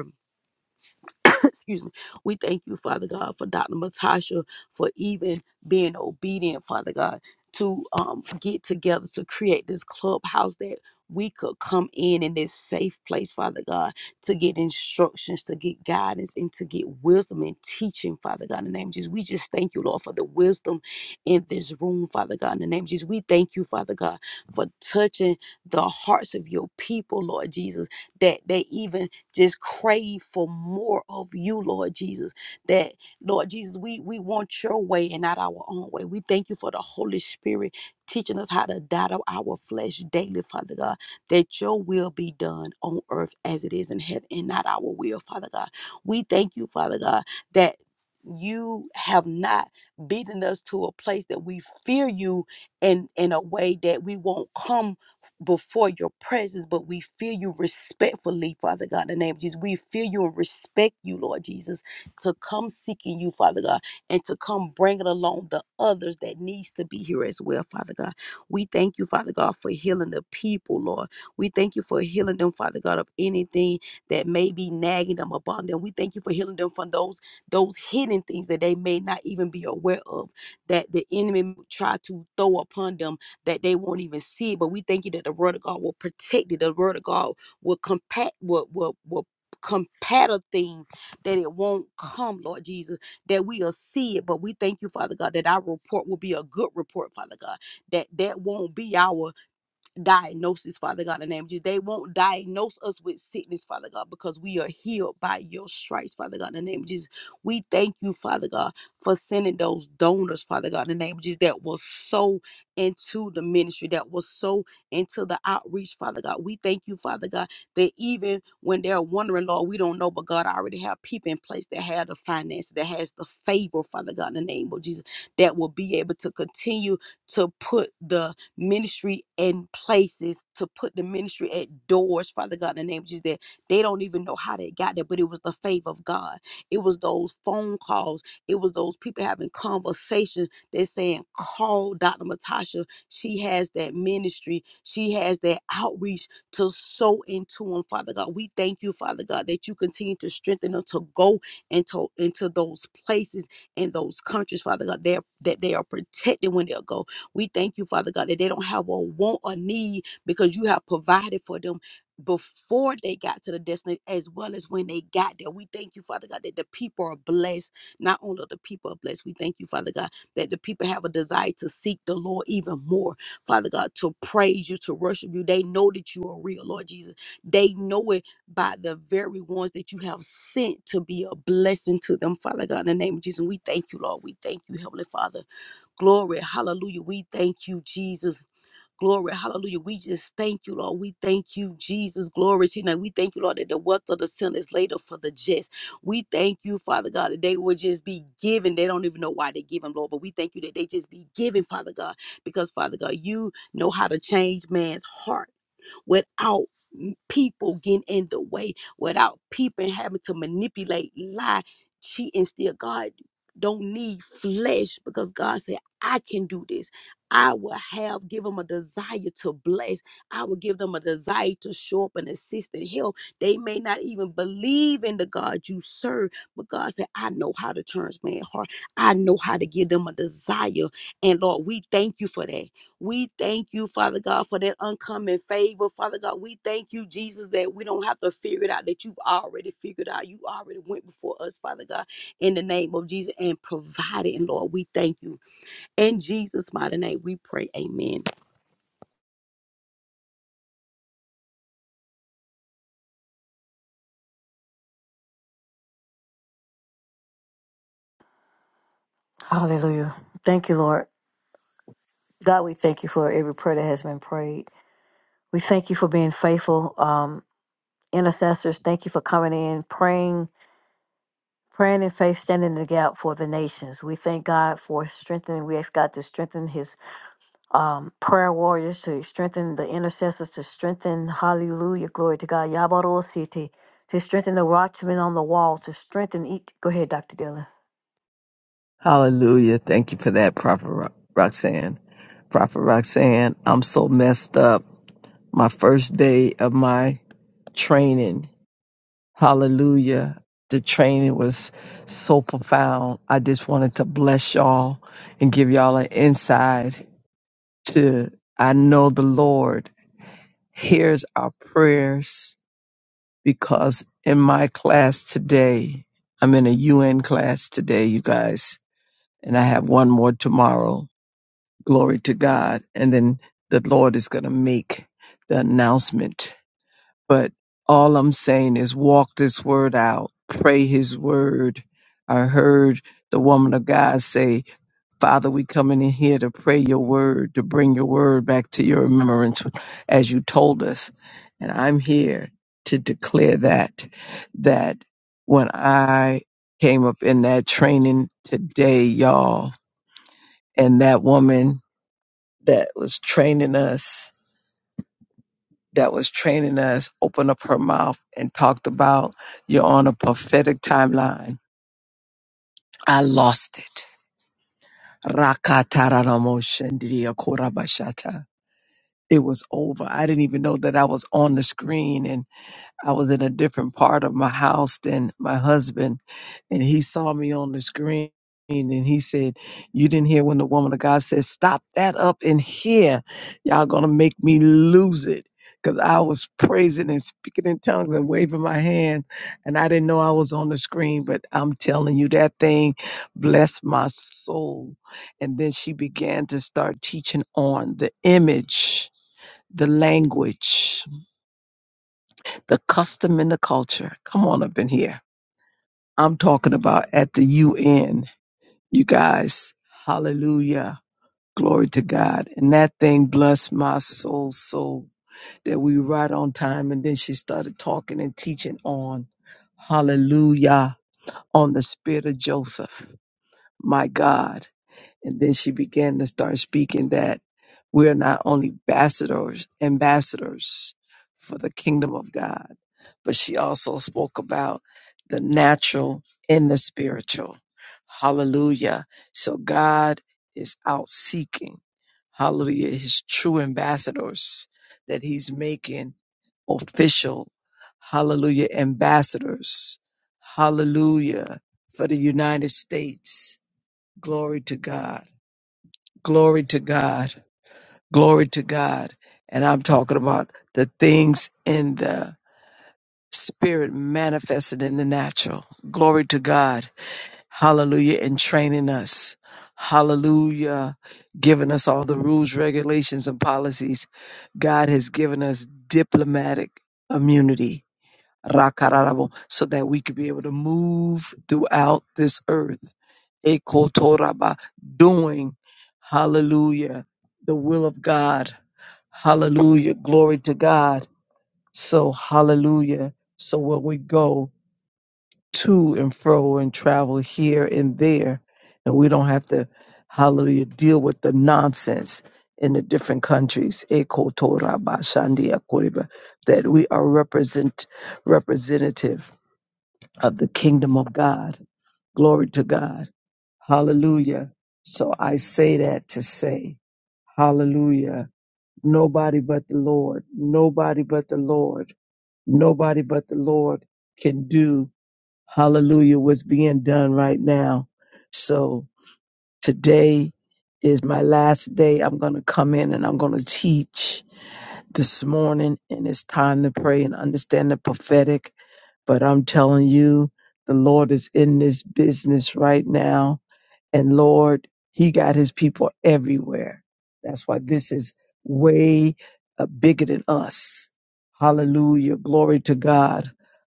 excuse me. We thank you, Father God, for Dr. Matasha for even being obedient, Father God, to um, get together to create this clubhouse that we could come in in this safe place, Father God, to get instructions, to get guidance, and to get wisdom and teaching, Father God, in the name of Jesus. We just thank you, Lord, for the wisdom in this room, Father God, in the name of Jesus. We thank you, Father God, for touching the hearts of your people, Lord Jesus, that they even just crave for more of you, Lord Jesus. That, Lord Jesus, we, we want your way and not our own way. We thank you for the Holy Spirit teaching us how to die to our flesh daily, Father God, that your will be done on earth as it is in heaven and not our will, Father God. We thank you, Father God, that you have not beaten us to a place that we fear you in in a way that we won't come before your presence, but we fear you respectfully, Father God, in the name of Jesus. We fear you and respect you, Lord Jesus, to come seeking you, Father God, and to come bringing along the others that needs to be here as well, Father God. We thank you, Father God, for healing the people, Lord. We thank you for healing them, Father God, of anything that may be nagging them upon them. We thank you for healing them from those those hidden things that they may not even be aware of that the enemy try to throw upon them that they won't even see. it. But we thank you that the word of God will protect it. The word of God will compact will will will combat a thing that it won't come, Lord Jesus, that we'll see it. But we thank you, Father God, that our report will be a good report, Father God. That that won't be our diagnosis, Father God, in the name of Jesus. They won't diagnose us with sickness, Father God, because we are healed by your stripes, Father God, in the name of Jesus. We thank you, Father God, for sending those donors, Father God, in the name of Jesus, that was so into the ministry, that was so into the outreach, Father God. We thank you, Father God, that even when they're wondering, Lord, we don't know, but God, I already have people in place that have the finance, that has the favor, Father God, in the name of Jesus, that will be able to continue to put the ministry in places, to put the ministry at doors, Father God, in the name of Jesus, that they don't even know how they got there, but it was the favor of God. It was those phone calls. It was those people having conversations. They're saying, call Dr. Matasha. She has that ministry. She has that outreach to sow into them, Father God. We thank you, Father God, that you continue to strengthen them to go into, into those places and those countries, Father God, they're, that they are protected when they'll go we thank you, Father God, that they don't have a want or need because you have provided for them before they got to the destiny as well as when they got there. We thank you, Father God, that the people are blessed. Not only are the people are blessed, we thank you, Father God, that the people have a desire to seek the Lord even more. Father God, to praise you, to worship you. They know that you are real, Lord Jesus. They know it by the very ones that you have sent to be a blessing to them, Father God, in the name of Jesus. We thank you, Lord. We thank you, Heavenly Father. Glory, hallelujah. We thank you, Jesus. Glory, hallelujah. We just thank you, Lord. We thank you, Jesus. Glory to you. Now, We thank you, Lord, that the wealth of the sin is laid up for the just. We thank you, Father God, that they will just be given. They don't even know why they give them, Lord, but we thank you that they just be given, Father God, because, Father God, you know how to change man's heart without people getting in the way, without people having to manipulate, lie, cheat, and steal. God don't need flesh because God said, I can do this. I will have give them a desire to bless. I will give them a desire to show up and assist and help. They may not even believe in the God you serve, but God said, I know how to turn man's heart. I know how to give them a desire. And Lord, we thank you for that. We thank you, Father God, for that uncommon favor. Father God, we thank you, Jesus, that we don't have to figure it out, that you've already figured out. You already went before us, Father God, in the name of Jesus and provided. And Lord, we thank you. In Jesus' mighty name, we pray. Amen.
Hallelujah. Thank you, Lord. God, we thank you for every prayer that has been prayed. We thank you for being faithful um, intercessors. Thank you for coming in, praying Praying in faith, standing in the gap for the nations. We thank God for strengthening. We ask God to strengthen His um, prayer warriors, to strengthen the intercessors, to strengthen, hallelujah, glory to God, Yabarul City, to strengthen the watchmen on the wall, to strengthen each. Go ahead, Dr. Dillon.
Hallelujah. Thank you for that, Prophet Ro- Roxanne. Prophet Roxanne, I'm so messed up. My first day of my training, hallelujah. The training was so profound. I just wanted to bless y'all and give y'all an insight to I know the Lord hears our prayers because in my class today, I'm in a UN class today, you guys, and I have one more tomorrow. Glory to God. And then the Lord is going to make the announcement. But all I'm saying is walk this word out, pray his word. I heard the woman of God say, Father, we coming in here to pray your word, to bring your word back to your remembrance as you told us. And I'm here to declare that, that when I came up in that training today, y'all, and that woman that was training us, that was training us, opened up her mouth and talked about you're on a prophetic timeline. I lost it. Rakataranamoshindiriakorabashata. it was over. I didn't even know that I was on the screen and I was in a different part of my house than my husband. And he saw me on the screen and he said, You didn't hear when the woman of God said, 'Stop that up in here. Y'all gonna make me lose it. Because I was praising and speaking in tongues and waving my hand, and I didn't know I was on the screen. But I'm telling you, that thing blessed my soul. And then she began to start teaching on the image the language, the custom and the culture. Come on up in here. I'm talking about at the UN, you guys. Hallelujah. Glory to God. And that thing blessed my soul so that we were right on time. And then she started talking and teaching on hallelujah, on the spirit of Joseph, my God. And then she began to start speaking that we're not only ambassadors, ambassadors for the kingdom of God but she also spoke about the natural and the spiritual. Hallelujah. So God is out seeking, hallelujah, his true ambassadors that he's making official, hallelujah, ambassadors, hallelujah, for the United States. Glory to God. Glory to God. Glory to God. And I'm talking about the things in the Spirit manifested in the natural. Glory to God. Hallelujah. And training us. Hallelujah. Giving us all the rules, regulations, and policies. God has given us diplomatic immunity. Rakararabo, So that we could be able to move throughout this earth. Ekotoraba, Doing. Hallelujah. The will of God. Hallelujah. Glory to God. So, hallelujah. So, where we go, to and fro and travel here and there. And we don't have to, hallelujah, deal with the nonsense in the different countries Eko Torah Ba Shandi Akoriba, that we are represent representative of the kingdom of God. Glory to God. Hallelujah. So I say that to say, Hallelujah. Nobody but the Lord, nobody but the Lord, nobody but the Lord can do Hallelujah, what's being done right now. So today is my last day. I'm going to come in and I'm going to teach this morning, and it's time to pray and understand the prophetic. But I'm telling you, the Lord is in this business right now and Lord, He got His people everywhere. That's why this is way uh, bigger than us. Hallelujah. Glory to God.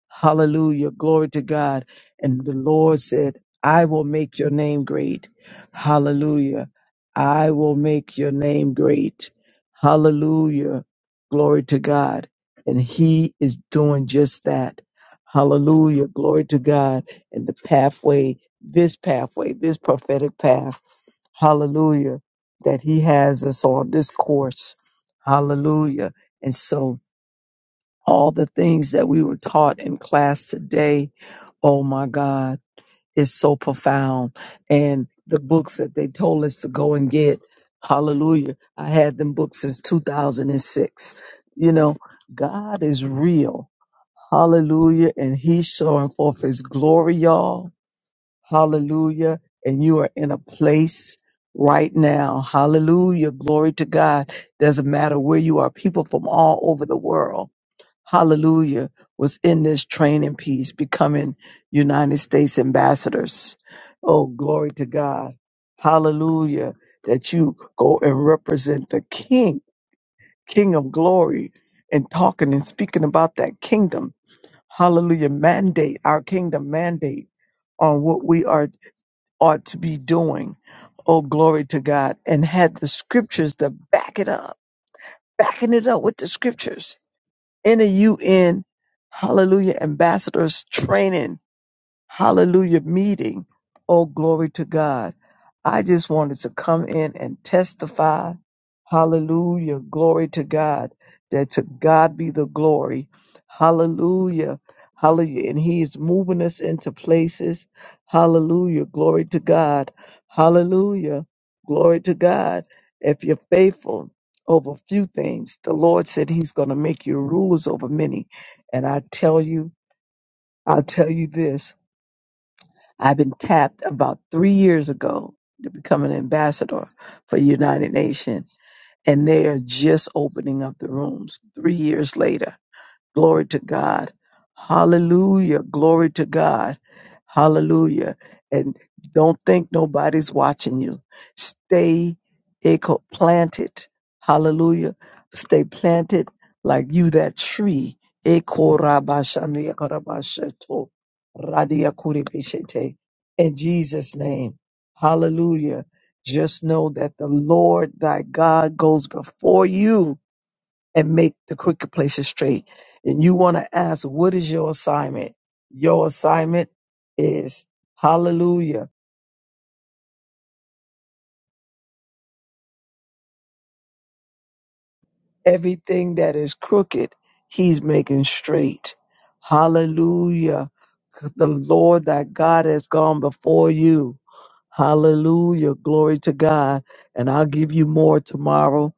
Hallelujah. Glory to God. And the Lord said, I will make your name great. Hallelujah. I will make your name great. Hallelujah. Glory to God. And He is doing just that. Hallelujah. Glory to God. And the pathway this pathway, this prophetic path. Hallelujah. That he has us on this course. Hallelujah. And so all the things that we were taught in class today, oh my God, is so profound. And the books that they told us to go and get, hallelujah. I had them books since 2006. You know, God is real. Hallelujah. And he's showing forth his glory, y'all Hallelujah. And you are in a place right now. Hallelujah. Glory to God. Doesn't matter where you are, people from all over the world. Hallelujah. Was in this training piece, becoming United States ambassadors. Oh, glory to God. Hallelujah. That you go and represent the King, King of glory, and talking and speaking about that kingdom. Hallelujah. Mandate, our kingdom mandate on what we are ought to be doing. Oh, glory to God. And had the scriptures to back it up, backing it up with the scriptures in a UN, hallelujah, ambassadors training hallelujah meeting. Oh, glory to God. I just wanted to come in and testify. Hallelujah. Glory to God. That to God be the glory. Hallelujah. Hallelujah. And He is moving us into places. Hallelujah. Glory to God. Hallelujah. Glory to God. If you're faithful over a few things, the Lord said He's going to make you rulers over many. And I tell you, I'll tell you this I've been tapped about three years ago to become an ambassador for United Nations, and they are just opening up the rooms three years later. Glory to God. Hallelujah. Glory to God. Hallelujah. And don't think nobody's watching you. Stay eco planted. Hallelujah. Stay planted like you that tree. Eko rabashani akarabasheto. Radia kuribishete. In Jesus' name. Hallelujah. Just know that the Lord thy God goes before you and make the crooked places straight. And you want to ask, what is your assignment? Your assignment is hallelujah. Everything that is crooked, he's making straight. Hallelujah. The Lord that God has gone before you. Hallelujah. Glory to God. And I'll give you more tomorrow.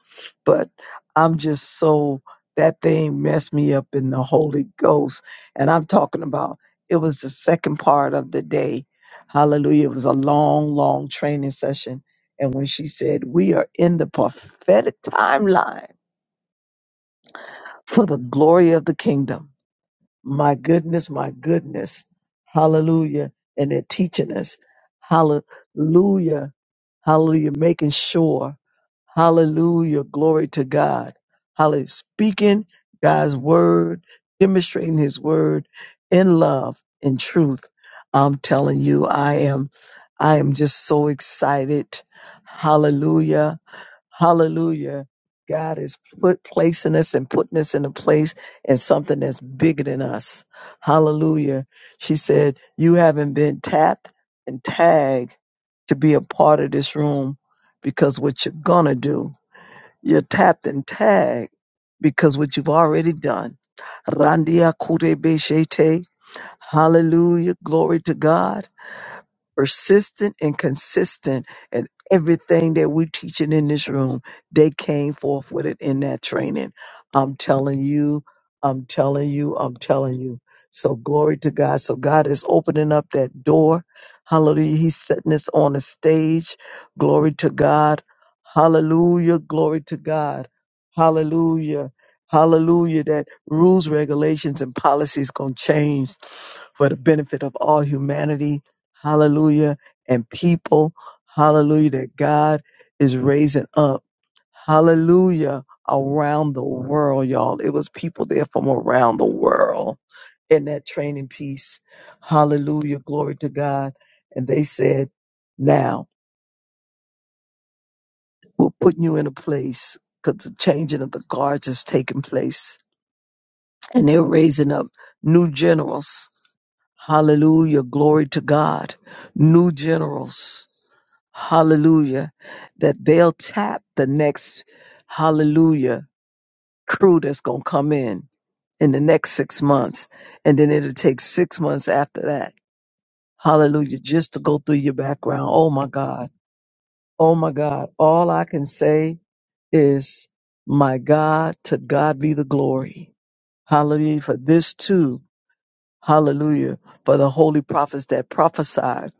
But I'm just so, that thing messed me up in the Holy Ghost. And I'm talking about it was the second part of the day. Hallelujah. It was a long, long training session. And when she said, We are in the prophetic timeline for the glory of the kingdom. My goodness, my goodness. Hallelujah. And they're teaching us. Hallelujah. Hallelujah. Making sure. Hallelujah. Glory to God. Hallelujah. Speaking God's word, demonstrating his word in love, in truth. I'm telling you, I am, I am just so excited. Hallelujah. Hallelujah. God is put placing us and putting us in a place and something that's bigger than us. Hallelujah. She said, You haven't been tapped and tagged to be a part of this room because what you're gonna do, you're tapped and tagged because what you've already done. Randia kure beshete. Hallelujah. Glory to God persistent and consistent at everything that we're teaching in this room. They came forth with it in that training. I'm telling you, I'm telling you, I'm telling you. So glory to God. So God is opening up that door. Hallelujah. He's setting us on a stage. Glory to God. Hallelujah. Glory to God. Hallelujah. Hallelujah. That rules, regulations, and policies gonna change for the benefit of all humanity hallelujah, and people, hallelujah, that God is raising up, hallelujah, around the world, y'all. It was people there from around the world in that training piece, hallelujah, glory to God. And they said, now we're putting you in a place because the changing of the guards is taking place and they're raising up new generals. Hallelujah. Glory to God. New generals. Hallelujah. That they'll tap the next, hallelujah, crew that's going to come in in the next six months. And then it'll take six months after that. Hallelujah. Just to go through your background. Oh my God. Oh my God. All I can say is, my God, to God be the glory. Hallelujah. For this too Hallelujah. For the holy prophets that prophesied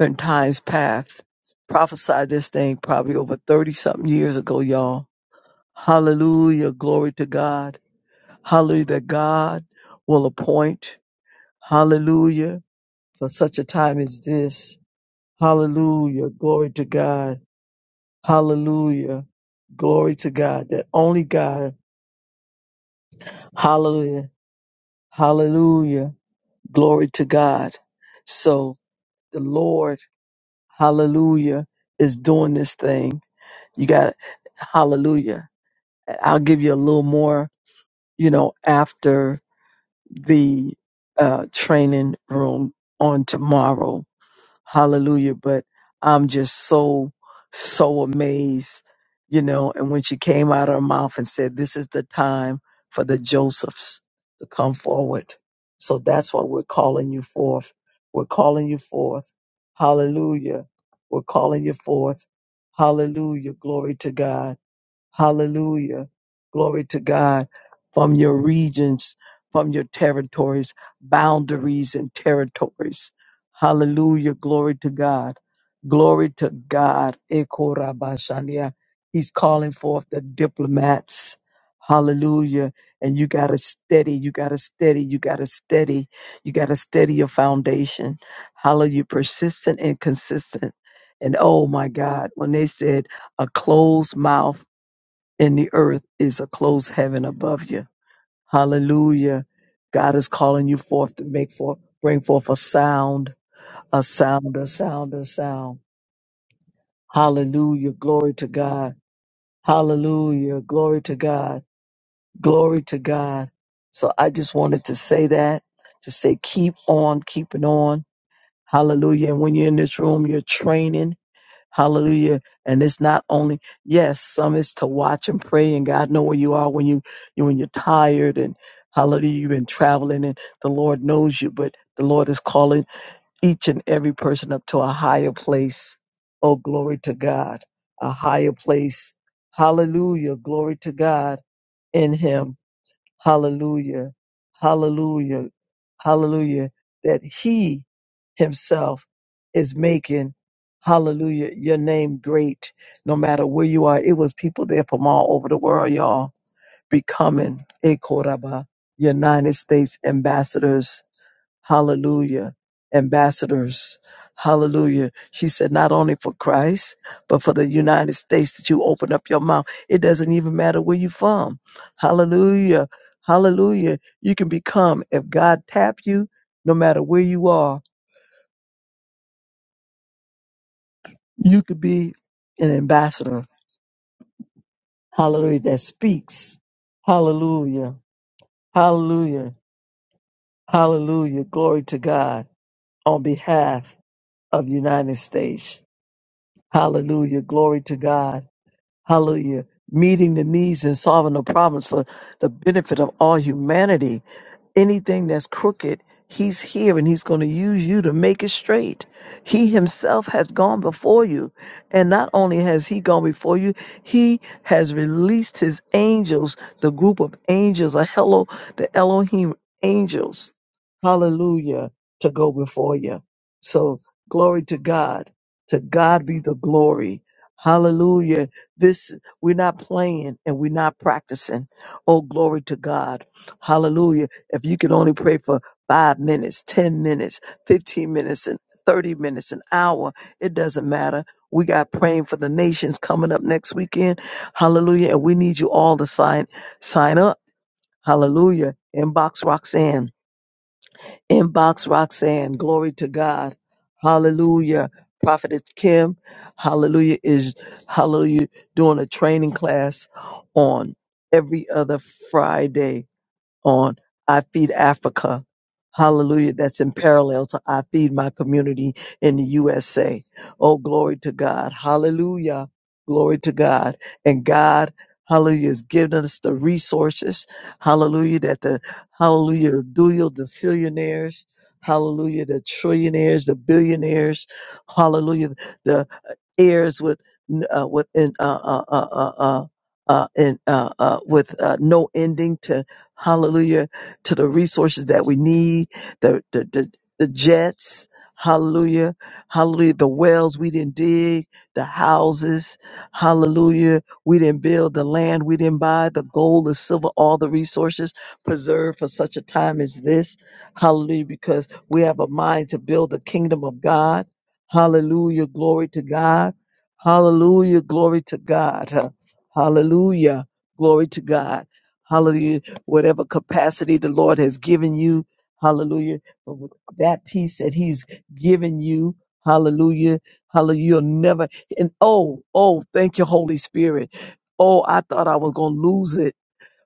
in times past, prophesied this thing probably over 30 something years ago, y'all. Hallelujah. Glory to God. Hallelujah. That God will appoint. Hallelujah. For such a time as this. Hallelujah. Glory to God. Hallelujah. Glory to God. That only God. Hallelujah. Hallelujah. Glory to God. So the Lord Hallelujah is doing this thing. You got Hallelujah. I'll give you a little more, you know, after the uh, training room on tomorrow Hallelujah. But I'm just so, so amazed, you know. And when she came out of her mouth and said, This is the time for the Josephs to come forward. So that's what we're calling you forth. We're calling you forth. Hallelujah. We're calling you forth. Hallelujah. Glory to God. Hallelujah. Glory to God. From your regions, from your territories, boundaries and territories. Hallelujah. Glory to God. Glory to God. Eko rabashania. He's calling forth the diplomats. Hallelujah. And you got to steady, you got to steady, you got to steady, you got to steady your foundation. Hallelujah. Persistent and consistent. And oh my God, when they said a closed mouth and the earth is a closed heaven above you. Hallelujah. God is calling you forth to make forth, bring forth a sound, a sound, a sound, a sound. Hallelujah. Glory to God. Hallelujah. Glory to God. Glory to God. So I just wanted to say that, to say keep on keeping on. Hallelujah. And when you're in this room, you're training. Hallelujah. And it's not only, yes, some is to watch and pray and God know where you are when you, you when you're tired and hallelujah, you've been traveling and the Lord knows you, but the Lord is calling each and every person up to a higher place. Oh, glory to God. A higher place. Hallelujah. Glory to God in him. Hallelujah. Hallelujah. Hallelujah. That he himself is making, hallelujah, your name great no matter where you are. It was people there from all over the world, y'all, becoming a Koraba, United States ambassadors Hallelujah. Ambassadors. Hallelujah. She said, not only for Christ, but for the United States that you open up your mouth. It doesn't even matter where you're from. Hallelujah. Hallelujah. You can become, if God tap you, no matter where you are, you could be an ambassador. Hallelujah. That speaks. Hallelujah. Hallelujah. Hallelujah. Glory to God on behalf of the United States. Hallelujah. Glory to God. Hallelujah. Meeting the needs and solving the problems for the benefit of all humanity anything that's crooked, he's here and he's going to use you to make it straight. He himself has gone before you. And not only has he gone before you, he has released his angels, the group of angels, a hello, the Elohim angels. Hallelujah to go before you. So glory to God. To God be the glory. Hallelujah. This we're not playing and we're not practicing. Oh, glory to God. Hallelujah if you could only pray for five minutes, 10 minutes, 15 minutes, and 30 minutes, an hour, it doesn't matter. We got praying for the nations coming up next weekend. Hallelujah. And we need you all to sign, sign up. Hallelujah. Inbox Roxanne. Inbox Roxanne. Glory to God. Hallelujah. Prophetess Kim. Hallelujah is, hallelujah, doing a training class on every other Friday on I Feed Africa. Hallelujah. That's in parallel to I Feed My Community in the USA. Oh, glory to God. Hallelujah. Glory to God. And God, hallelujah, has given us the resources. Hallelujah. That the, hallelujah, dual, the billionaires, hallelujah, the trillionaires, the billionaires, hallelujah ears with uh, with in, uh, uh, uh, uh, uh, uh, in, uh, uh, with uh, no ending to hallelujah to the resources that we need the the, the the jets, hallelujah, hallelujah, the wells we didn't dig, the houses, hallelujah, we didn't build the land, we didn't buy the gold, the silver, all the resources preserved for such a time as this, hallelujah, because we have a mind to build the kingdom of God Hallelujah. Glory to God. Hallelujah. Glory to God. Huh. Hallelujah. Glory to God. Hallelujah. Whatever capacity the Lord has given you. Hallelujah. But with that peace that He's given you. Hallelujah. Hallelujah. You'll never, and oh, oh, thank you, Holy Spirit. Oh, I thought I was going to lose it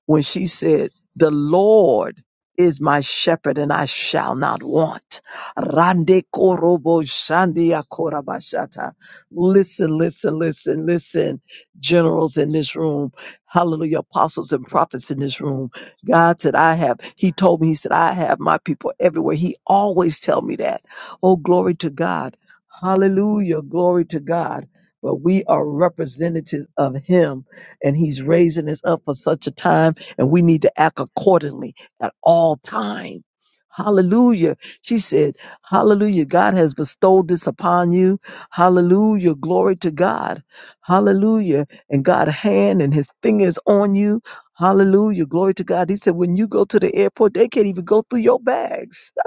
when she said, The Lord is my shepherd and I shall not want. Rande korobo shandia korabashata. Listen, listen, listen, listen, generals in this room, hallelujah, apostles and prophets in this room. God said, I have, he told me, he said, I have my people everywhere. He always tell me that. Oh, glory to God. Hallelujah. Glory to God. But we are representatives of him and he's raising us up for such a time and we need to act accordingly at all time. Hallelujah. She said, Hallelujah. God has bestowed this upon you. Hallelujah. Glory to God. Hallelujah. And God's hand and his fingers on you. Hallelujah. Glory to God. He said, when you go to the airport, they can't even go through your bags.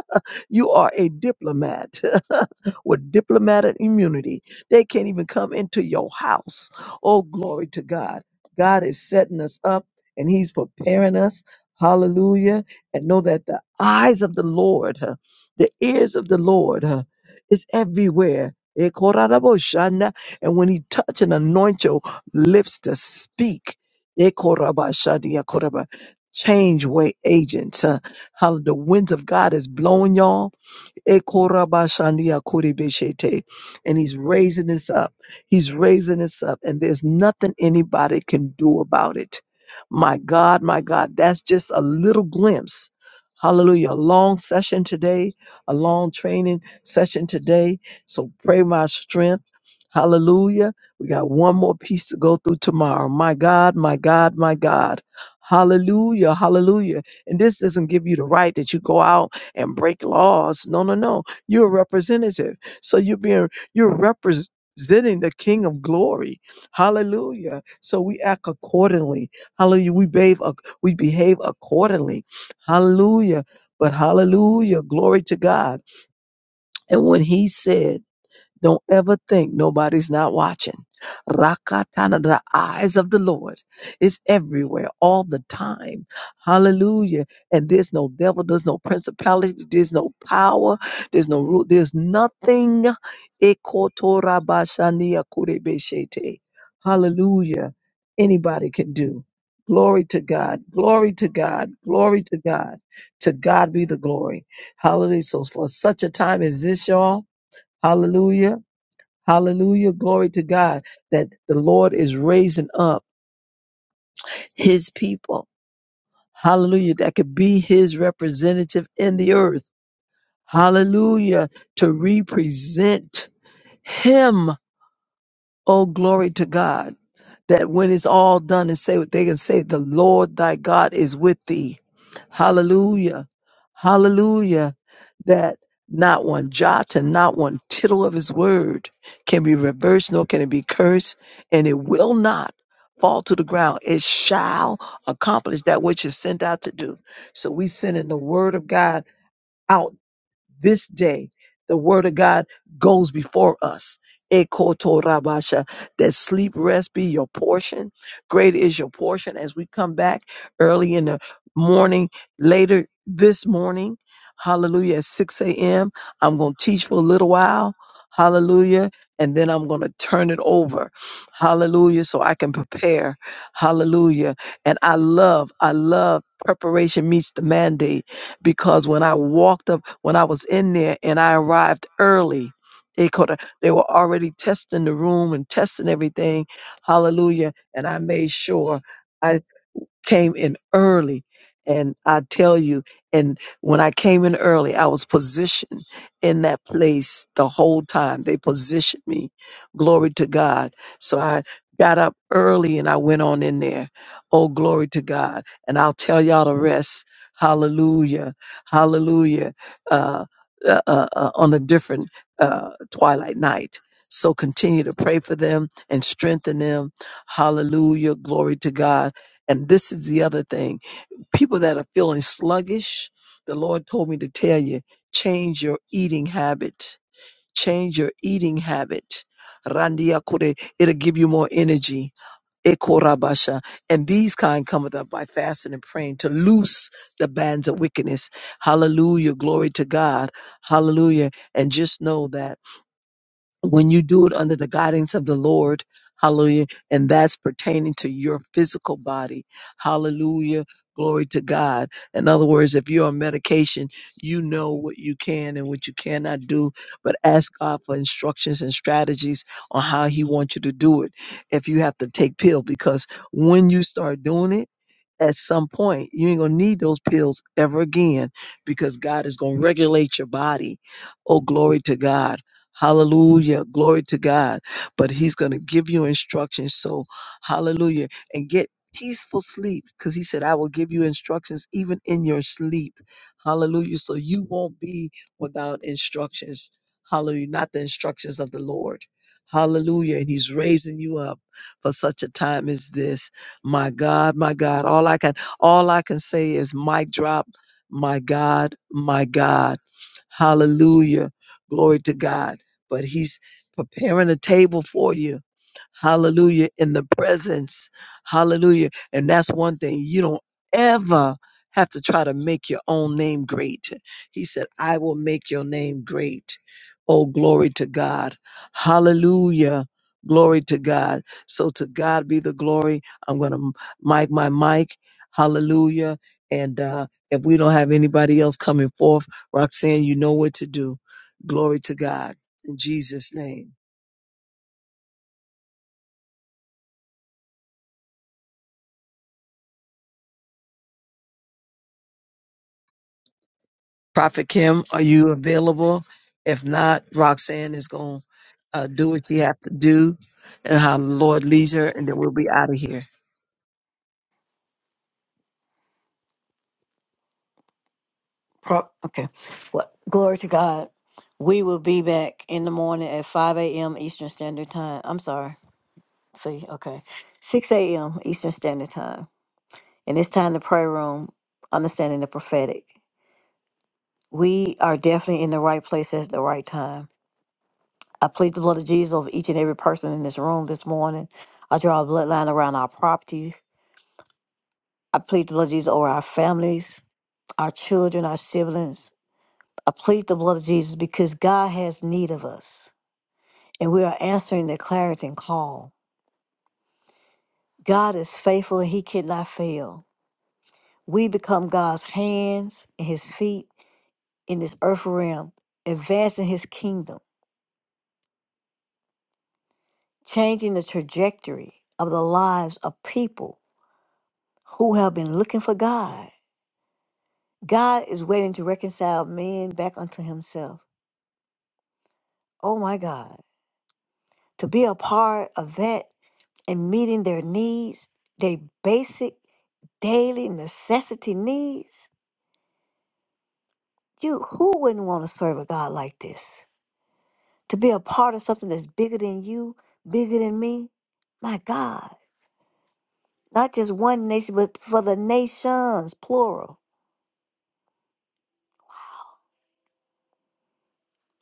You are a diplomat. with diplomatic immunity. They can't even come into your house. Oh, glory to God. God is setting us up and He's preparing us. Hallelujah. And know that the eyes of the Lord, huh, the ears of the Lord huh, is everywhere. Eh, korabashana. And when He touch and anoint your lips to speak, eh, korabashadiya koraba, change way agents. huh. How the winds of God is blowing, y'all Ekorabashandia koribeshete. And he's raising us up. He's raising us up. And there's nothing anybody can do about it. My God, my God, that's just a little glimpse. Hallelujah. A long session today, a long training session today. So pray my strength. Hallelujah. We got one more piece to go through tomorrow. My God, my God, my God. Hallelujah. Hallelujah. And this doesn't give you the right that you go out and break laws. No, no, no. You're a representative. So you're being you're representing the King of Glory. Hallelujah. So we act accordingly. Hallelujah. We behave ac- we behave accordingly. Hallelujah. But hallelujah. Glory to God. And when he said don't ever think nobody's not watching. Rakatana, the eyes of the Lord is everywhere all the time. Hallelujah. And there's no devil, there's no principality, there's no power, there's no rule, there's nothing. Ekotorabashania kurebeshete. Hallelujah. Anybody can do. Glory to God. Glory to God. Glory to God. To God be the glory. Hallelujah. So for such a time as this, y'all, hallelujah Hallelujah. Glory to God that the Lord is raising up his people. Hallelujah. That could be his representative in the earth. Hallelujah. To represent him. Oh, glory to God. that when it's all done and say what they can say, the Lord thy God is with thee. Hallelujah. Hallelujah. That not one jot and not one tittle of his word can be reversed, nor can it be cursed, and it will not fall to the ground. It shall accomplish that which is sent out to do. So we sending the word of God out this day the word of God goes before us. Ekotorabasha, That sleep rest be your portion. Great is your portion as we come back early in the morning, later this morning. Hallelujah. At 6 a.m. I'm going to teach for a little while. Hallelujah. And then I'm going to turn it over. Hallelujah. So I can prepare. Hallelujah. And I love, I love preparation meets the mandate because when I walked up, when I was in there and I arrived early, they could they were already testing the room and testing everything. Hallelujah. And I made sure came in early. And I tell you, and when I came in early, I was positioned in that place the whole time. They positioned me. Glory to God. So I got up early and I went on in there. Oh, glory to God. And I'll tell y'all the rest. Hallelujah. Hallelujah. Uh, uh, uh, uh, on a different uh, twilight night. So continue to pray for them and strengthen them. Hallelujah. Glory to God and this is the other thing. People that are feeling sluggish, the Lord told me to tell you, change your eating habit. Change your eating habit. Randia kore, It'll give you more energy. Ekorabasha. And these kind cometh up by fasting and praying to loose the bands of wickedness. Hallelujah. Glory to God. Hallelujah. And just know that when you do it under the guidance of the Lord, hallelujah, and that's pertaining to your physical body, hallelujah, glory to God. In other words, if you're on medication, you know what you can and what you cannot do, but ask God for instructions and strategies on how He wants you to do it. If you have to take pill, because when you start doing it, at some point you ain't gonna need those pills ever again because god is gonna regulate your body oh glory to god Hallelujah. Glory to God. But he's going to give you instructions. So, hallelujah. And get peaceful sleep because he said, I will give you instructions even in your sleep. Hallelujah. So you won't be without instructions. Hallelujah. Not the instructions of the Lord. Hallelujah. And he's raising you up for such a time as this. My God, my God. All I can all I can say is mic drop. My God, my God. Hallelujah. Glory to God but he's preparing a table for you. Hallelujah. In the presence. Hallelujah. And that's one thing you don't ever have to try to make your own name great. He said, I will make your name great. Oh, glory to God. Hallelujah. Glory to God. So to God be the glory. I'm going to mic my mic. Hallelujah. And uh, if we don't have anybody else coming forth, Roxanne, you know what to do. Glory to God in Jesus' name. Prophet Kim, are you available? If not, Roxanne is going to uh, do what you have to do and how the Lord leads her, and then we'll be out of here.
Pro- okay. Well, glory to God. We will be back in the morning at 5 a.m. Eastern Standard Time. I'm sorry. See, okay. 6 a.m. Eastern Standard Time. And it's time the prayer room, understanding the prophetic. We are definitely in the right place at the right time. I plead the blood of Jesus over each and every person in this room this morning. I draw a bloodline around our property. I plead the blood of Jesus over our families, our children, our siblings. I plead the blood of Jesus because God has need of us and we are answering the clarion call. God is faithful and he cannot fail. We become God's hands and his feet in this earth realm, advancing his kingdom. changing the trajectory of the lives of people who have been looking for God. God is waiting to reconcile men back unto himself. Oh my God. To be a part of that and meeting their needs, their basic daily necessity needs. You who wouldn't want to serve a God like this? To be a part of something that's bigger than you, bigger than me? My God. Not just one nation, but for the nations, plural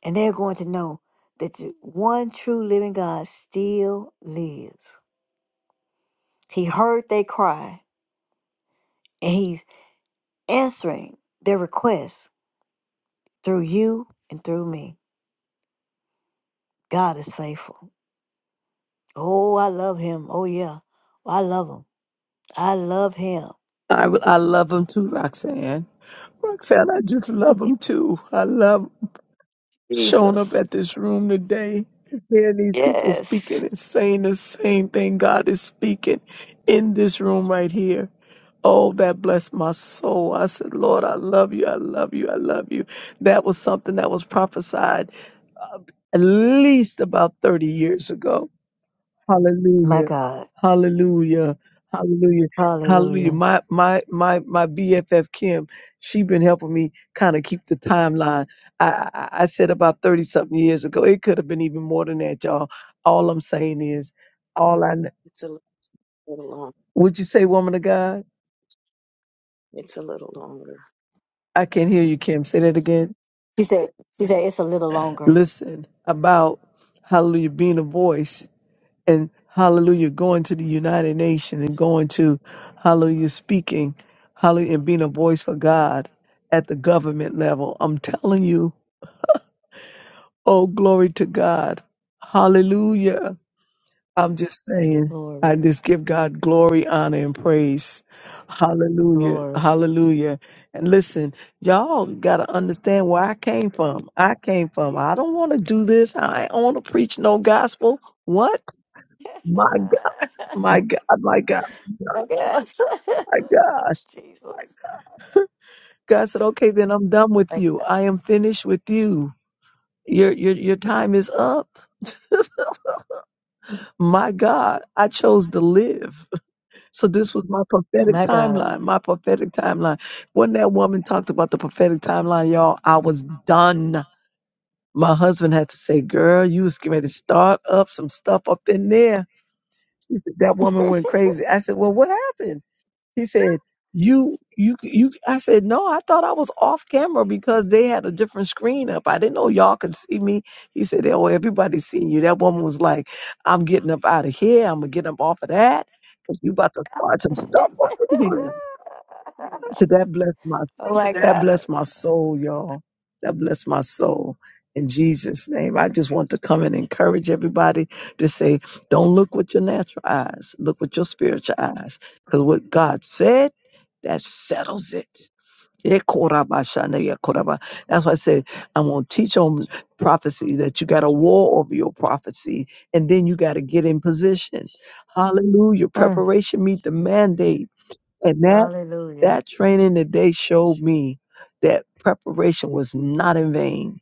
And they're going to know that the one true living God still lives. He heard their cry, and He's answering their requests through you and through me. God is faithful. Oh, I love Him. Oh, yeah. I love Him. I love Him.
I, I love them too, Roxanne. Roxanne, I just love them too. I love showing up
Jesus.
at this room today, and hearing these people
Yes.
speaking and saying the same thing God is speaking in this room right here. Oh, that blessed my soul. I said, Lord, I love you. I love you. I love you. That was something that was prophesied at least about 30 years ago.
My
Hallelujah.
God.
Hallelujah. Hallelujah. Hallelujah.
Hallelujah.
My my my my BFF Kim, she been helping me kind of keep the timeline. I, I I said about 30 something years ago. It could have been even more than that, y'all. All I'm saying is, all I kn-
It's a little long.
would you say, woman of God?
It's a little longer.
I can't hear you, Kim. Say that again.
She said, she said, it's a little longer.
listen about hallelujah being a voice and hallelujah going to the united Nations and going to hallelujah speaking hallelujah and being a voice for god at the government level i'm telling you oh glory to god hallelujah I'm just saying, I
Glory,
just give God glory, honor, and praise. Hallelujah.
glory.
Hallelujah. And listen, y'all got to understand where I came from. I came from, I don't want to do this. I don't want to preach no gospel. What? My God, my God, my God,
My God.
my God.
Jesus.
God said, okay, then I'm done with you. I am finished with you. Your, your, your time is up. My God, I chose to live. So this was my prophetic
My God.
timeline, my prophetic timeline. When that woman talked about the prophetic timeline, y'all, I was done. My husband had to say, girl, you was getting ready to start up some stuff up in there. She said, that woman went crazy. I said, well, what happened? He said, "You, you, you." I said, "No, I thought I was off camera because they had a different screen up. I didn't know y'all could see me." He said, "Oh, everybody's seeing you." That woman was like, "I'm getting up out of here. I'm gonna get up off of that because you about to start some stuff up in here." So that blessed my
Oh my
that
God.
blessed my soul, y'all. That blessed my soul. In Jesus' name, I just want to come and encourage everybody to say, don't look with your natural eyes, look with your spiritual eyes. Because what God said, that settles it. Yeah, koraba shana, yeah, koraba. That's why I said, I'm going to teach on prophecy that you got to war over your prophecy and then you got to get in position. Hallelujah.
Mm,
Preparation meet the mandate. And that
hallelujah.
that training today showed me that preparation was not in vain.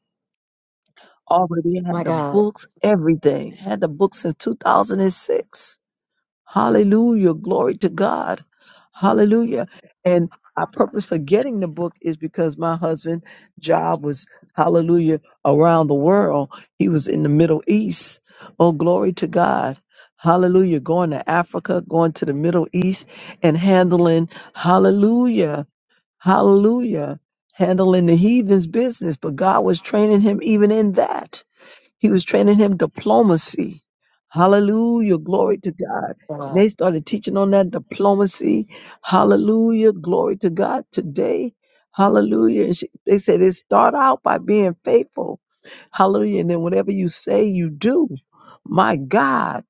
Already
My
had the
God.
books, everything. Had the books in 2006 Hallelujah. Glory to God. Hallelujah. And our purpose for getting the book is because my husband's job was, hallelujah, around the world. He was in the Middle East. Oh, glory to God. Hallelujah. Going to Africa, going to the Middle East and handling, hallelujah, hallelujah, handling the heathen's business. But God was training him even in that. He was training him diplomacy. Hallelujah. Glory to God. And
Wow.
they started teaching on that diplomacy. Hallelujah. Glory to God today. Hallelujah. And she, they said it start out by being faithful. Hallelujah. And then whatever you say, you do. My God.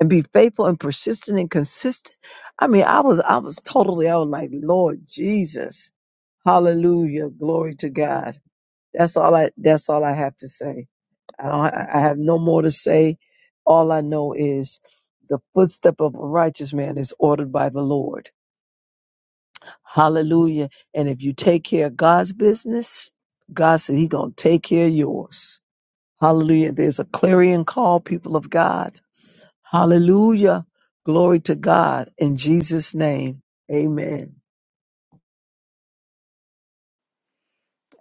And be faithful and persistent and consistent. I mean, I was, I was totally, I was like, Lord Jesus. Hallelujah. Glory to God. That's all I, that's all I have to say. I, don't, I have no more to say. All I know is the footstep of a righteous man is ordered by the Lord. Hallelujah. And if you take care of God's business, God said He going to take care of yours. Hallelujah. There's a clarion call, people of God. Hallelujah. Glory to God in Jesus' name. Amen.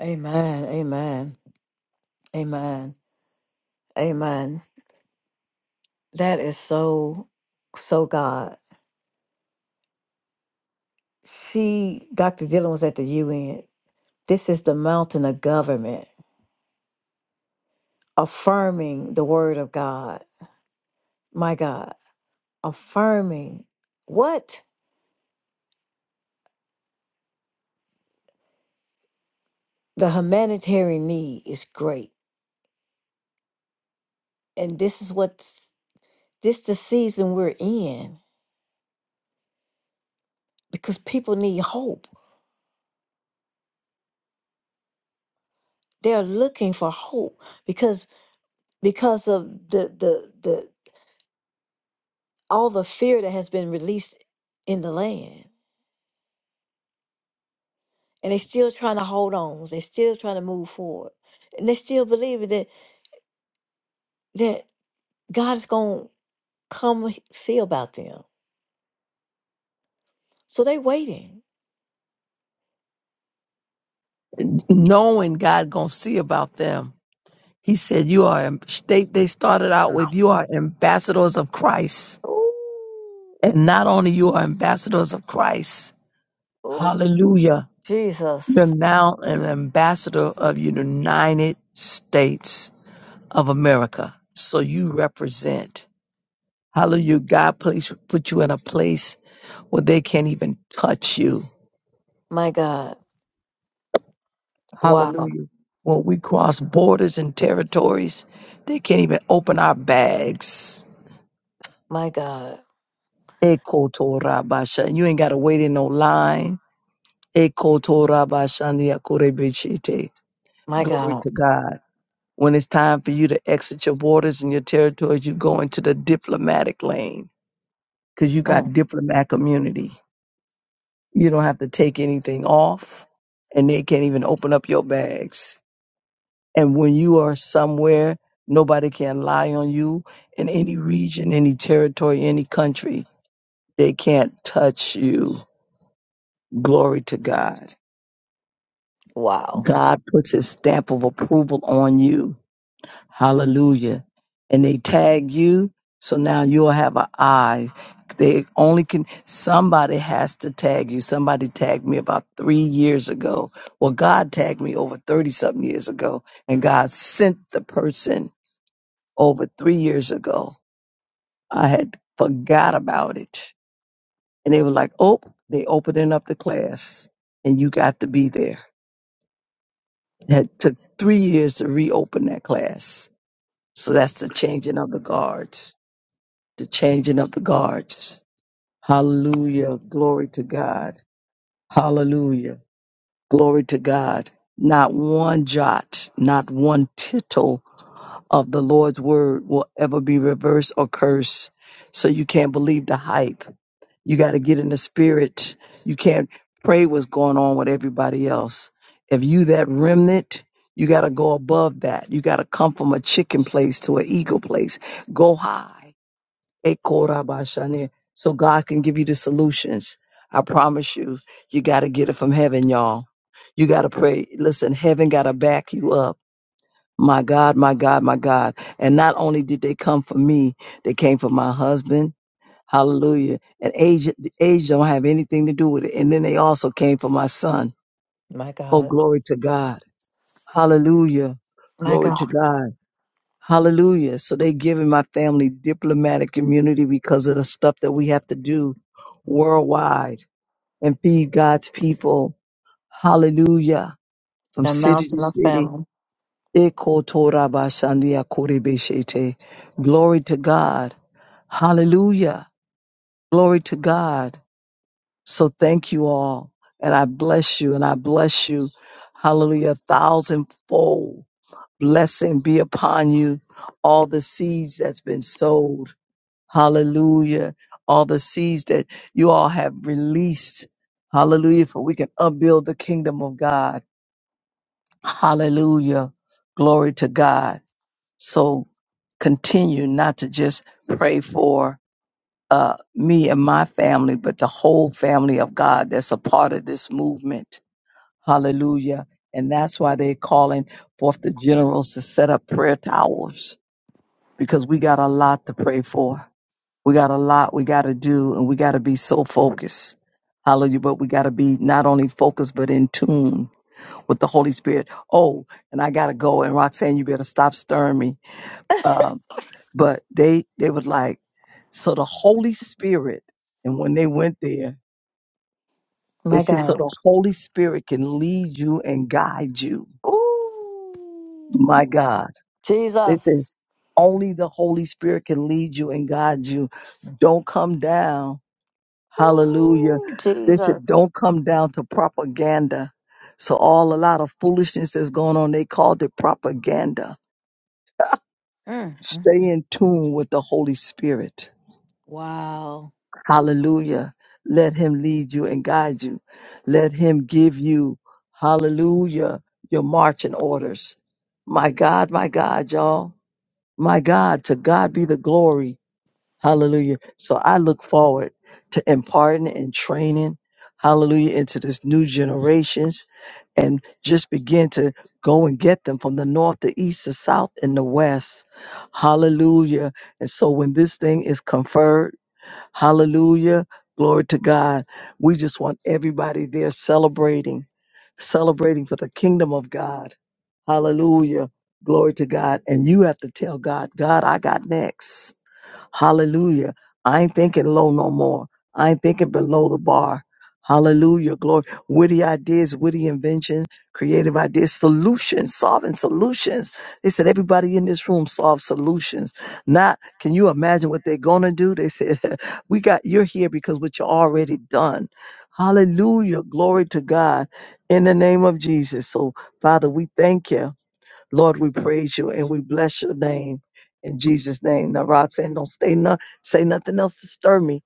Amen. Amen. Amen. Amen. That is so, so God. She, Dr. Dylan was at the UN. This is the mountain of government, affirming the word of God. My God, affirming what the humanitarian need is great. And this is what this the season we're in because people need hope They're looking for hope because because of the the the all the fear that has been released in the land. And they're still trying to hold on. They're still trying to move forward. And they still believing that that God is gonna come h- see about them. So they waiting.
Knowing God going to see about them. He said, You are, they, they started out with, You are ambassadors of Christ.
Ooh,
And not only you are ambassadors of Christ,
ooh.
hallelujah, you're
Jesus.
now an ambassador of the United States of America. So you represent. Hallelujah. God place put you in a place where they can't even touch you.
My God. Wow.
Hallelujah. When we cross borders and territories, they can't even open our bags.
My God.
Eko Torah And you ain't gotta wait in no line. Eko Torah Basha Nia
My
Glory
God.
to God. When it's time for you to exit your borders and your territories, you go into the diplomatic lane because you
Mm.
got diplomatic immunity. You don't have to take anything off, and they can't even open up your bags. And when you are somewhere, nobody can lie on you in any region, any territory, any country. They can't touch you. Glory to God.
Wow.
God puts his stamp of approval on you Hallelujah. And they tag you, so now you'll have an eye. They only can, somebody has to tag you. Somebody tagged me about three years ago. Well, God tagged me over 30 something years ago, and God sent the person over three years ago. I had forgot about it. And they were like, oh, they opening up the class, and you got to be there. It had- took three years to reopen that class. So that's the changing of the guard. the changing of the guards. Hallelujah. Glory to God. Hallelujah. Glory to God. Not one jot, not one tittle of the Lord's word will ever be reversed or cursed. So you can't believe the hype. You got to get in the spirit. You can't pray what's going on with everybody else. If you that remnant, you got to go above that. You got to come from a chicken place to an eagle place. Go high Ekorabashane. So God can give you the solutions. I promise you, you got to get it from heaven, y'all. You got to pray. Listen, heaven got to back you up. My God, my God, my God. And not only did they come for me, they came for my husband. Hallelujah. And age, the age don't have anything to do with it. And then they also came for my son.
My
Oh,
God.
glory to God. Hallelujah.
My
Glory to
God.
God. Hallelujah. So they giving my family diplomatic immunity because of the stuff that we have to do worldwide and feed God's people. Hallelujah. From
The
city to
mountain of
city.
famine.
Ekotorabashandiakorebeshete. Glory to God. Hallelujah. Glory to God. So thank you all. And I bless you and I bless you. Hallelujah. A thousandfold blessing be upon you. All the seeds that's been sowed Hallelujah. All the seeds that you all have released. Hallelujah. For we can upbuild the kingdom of God. Hallelujah. Glory to God. So continue not to just pray for uh, me and my family, but the whole family of God that's a part of this movement. Hallelujah. And that's why they're calling forth the generals to set up prayer towers because we got a lot to pray for. We got a lot we got to do and we got to be so focused. Hallelujah. But we got to be not only focused, but in tune with the Holy Spirit. Oh, and I got to go. And Roxanne, you better stop stirring me. Um, but they, they was like, so the Holy Spirit, and when they went there, they
My
said, so
God.
the Holy Spirit can lead you and guide you.
Ooh,
My God. They said,
Jesus.
only the Holy Spirit can lead you and guide you. Don't come down Hallelujah.
Ooh,
They
Jesus.
said, don't come down to propaganda. So all a lot of foolishness that's going on, they called it propaganda.
Mm, mm,
Stay
mm.
in tune with the Holy Spirit.
Wow.
Hallelujah. Let him lead you and guide you. Let him give you, hallelujah, your marching orders. My God, my God, y'all. My God, to God be the glory. Hallelujah. So I look forward to imparting and training, hallelujah, into this new generations and just begin to go and get them from the north, the east, the south, and the west. Hallelujah. And so when this thing is conferred, hallelujah, glory to God, we just want everybody there celebrating, celebrating for the kingdom of God. Hallelujah. Glory to God. And you have to tell God, God, I got next. Hallelujah. I ain't thinking low no more. I ain't thinking below the bar. Hallelujah. Glory. Witty ideas, witty inventions, creative ideas, solutions, solving solutions. They said everybody in this room solve solutions. Not can you imagine what they're gonna do? They said, We got you're here because what you already done. Hallelujah. Glory to God in the name of Jesus. So Father, we thank you. Lord, we praise you and we bless your name in Jesus' name. Now, Rob saying, don't stay no, say nothing else to stir me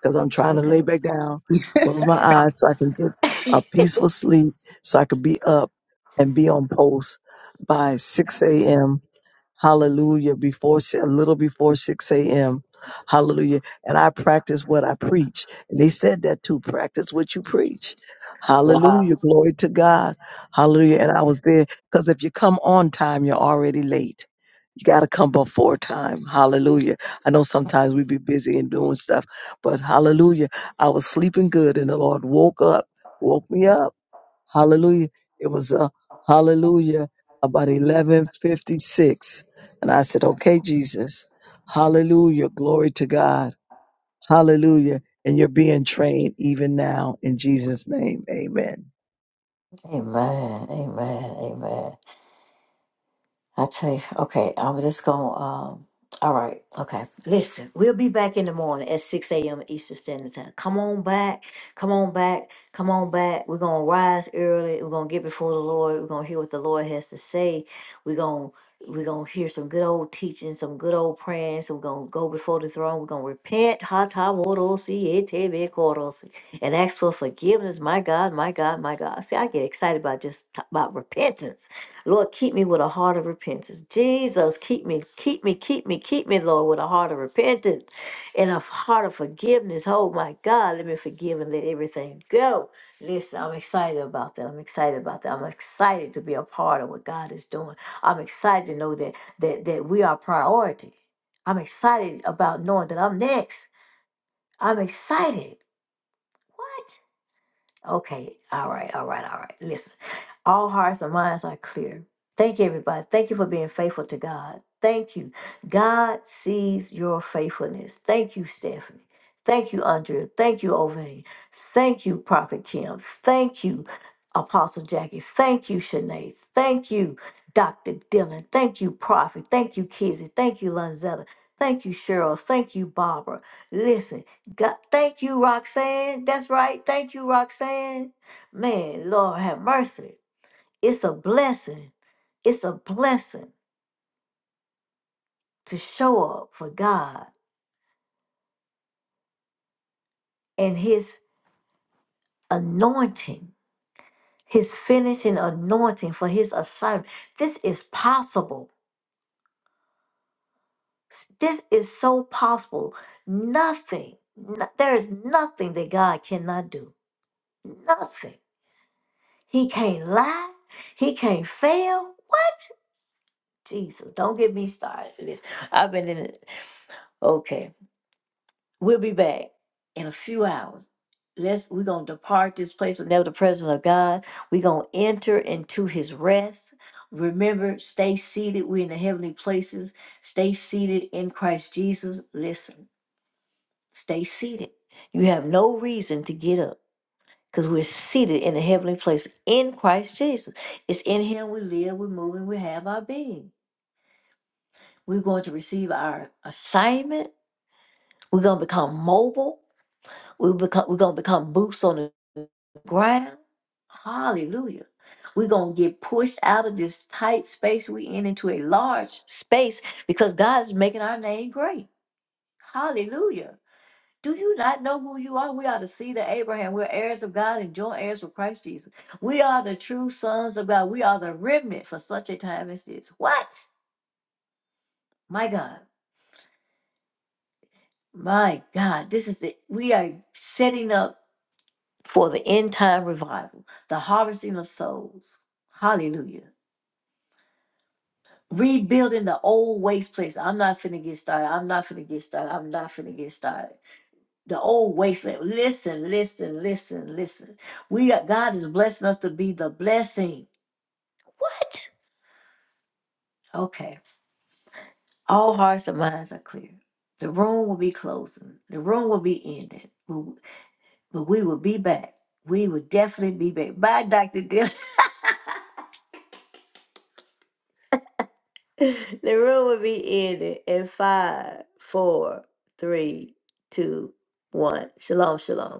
because I'm trying to
Okay.
lay back down, close my
Okay. I,
eyes so I can get a peaceful sleep, so I can be up and be on post by 6 a.m. Hallelujah. Before si- a little before 6 a.m. Hallelujah. And I practice what I preach. And they said that too. Practice what you preach. Hallelujah. Glory to God. Hallelujah. And I was there because if you come on time, you're already late. You got to come before time. Hallelujah. I know sometimes we be busy and doing stuff, but hallelujah. I was sleeping good and the Lord woke up, woke me up. Hallelujah. It was a hallelujah about 1156. And I said, okay, Jesus. Hallelujah. Glory to God. Hallelujah. And you're being trained even now in Jesus' name. Amen.
Amen. Amen. Amen. I tell you, okay, I'm just gonna. Um, all right, okay. Listen, we'll be back in the morning at 6 a.m. Eastern Standard Time. Come on back, come on back, come on back. We're gonna rise early. We're gonna get before the Lord. We're gonna hear what the Lord has to say. We're gonna we're gonna hear some good old teaching, some good old praying. So we're gonna go before the throne. We're gonna repent, ha ta worosi, ete korosi, and ask for forgiveness. My God, my God, my God. See, I get excited about just t- about repentance Lord, keep me with a heart of repentance. Jesus, keep me, keep me, keep me, keep me, Lord, with a heart of repentance and a heart of forgiveness. Oh my God, let me forgive and let everything go. Listen, I'm excited about that. I'm excited about that. I'm excited to be a part of what God is doing. I'm excited to know that that that we are priority. I'm excited about knowing that I'm next. I'm excited. What? Okay. All right. All right. All right. Listen, all hearts and minds are clear. Thank you, everybody. Thank you for being faithful to God. Thank you. God sees your faithfulness. Thank you, Stephanie. Thank you, Andrea. Thank you, Ovane. Thank you, Prophet Kim. Thank you, Apostle Jackie. Thank you, Shanae. Thank you, Dr. Dylan. Thank you, Prophet. Thank you, Kizzy. Thank you, Lanzetta. Thank you, Cheryl. Thank you, Barbara. Listen. God, thank you, Roxanne. That's right. Thank you, Roxanne. Man, Lord have mercy. It's a blessing. It's a blessing to show up for God and His anointing, His finishing anointing for His assignment. This is possible. S- This is so possible. Nothing, no- there is nothing that God cannot do. Nothing. He can't lie. He can't fail. Jesus, don't get me started. with This I've been in it. Okay, we'll be back in a few hours. Let's we're gonna depart this place with never the presence of God. We're gonna enter into His rest. Remember, stay seated. We're in the heavenly places. Stay seated in Christ Jesus. Listen, stay seated. You have no reason to get up because we're seated in the heavenly places in Christ Jesus. It's in Him we live, we move, and we have our being. We're going to receive our assignment We're gonna become mobile. We become we're gonna become boots on the ground. Hallelujah. We're gonna get pushed out of this tight space we in into a large space because God is making our name great. Hallelujah. Do you not know who you are? We are the seed of Abraham. We're heirs of God and joint heirs with Christ Jesus. We are the true sons of God. We are the remnant for such a time as this. What? My God. My God. This is it. We are setting up. for the end time revival, the harvesting of souls. Hallelujah. Rebuilding the old waste place. I'm not finna get started. I'm not finna get started. I'm not finna get started. The old wasteland. Listen, listen, listen, listen. We are, God is blessing us to be the blessing. Okay. All hearts and minds are clear. The room will be closing. The room will be ending. But but we will be back. We will definitely be back. Bye, Dr. Dylan. The room will be ending in five, four, three, two, one. Shalom, shalom.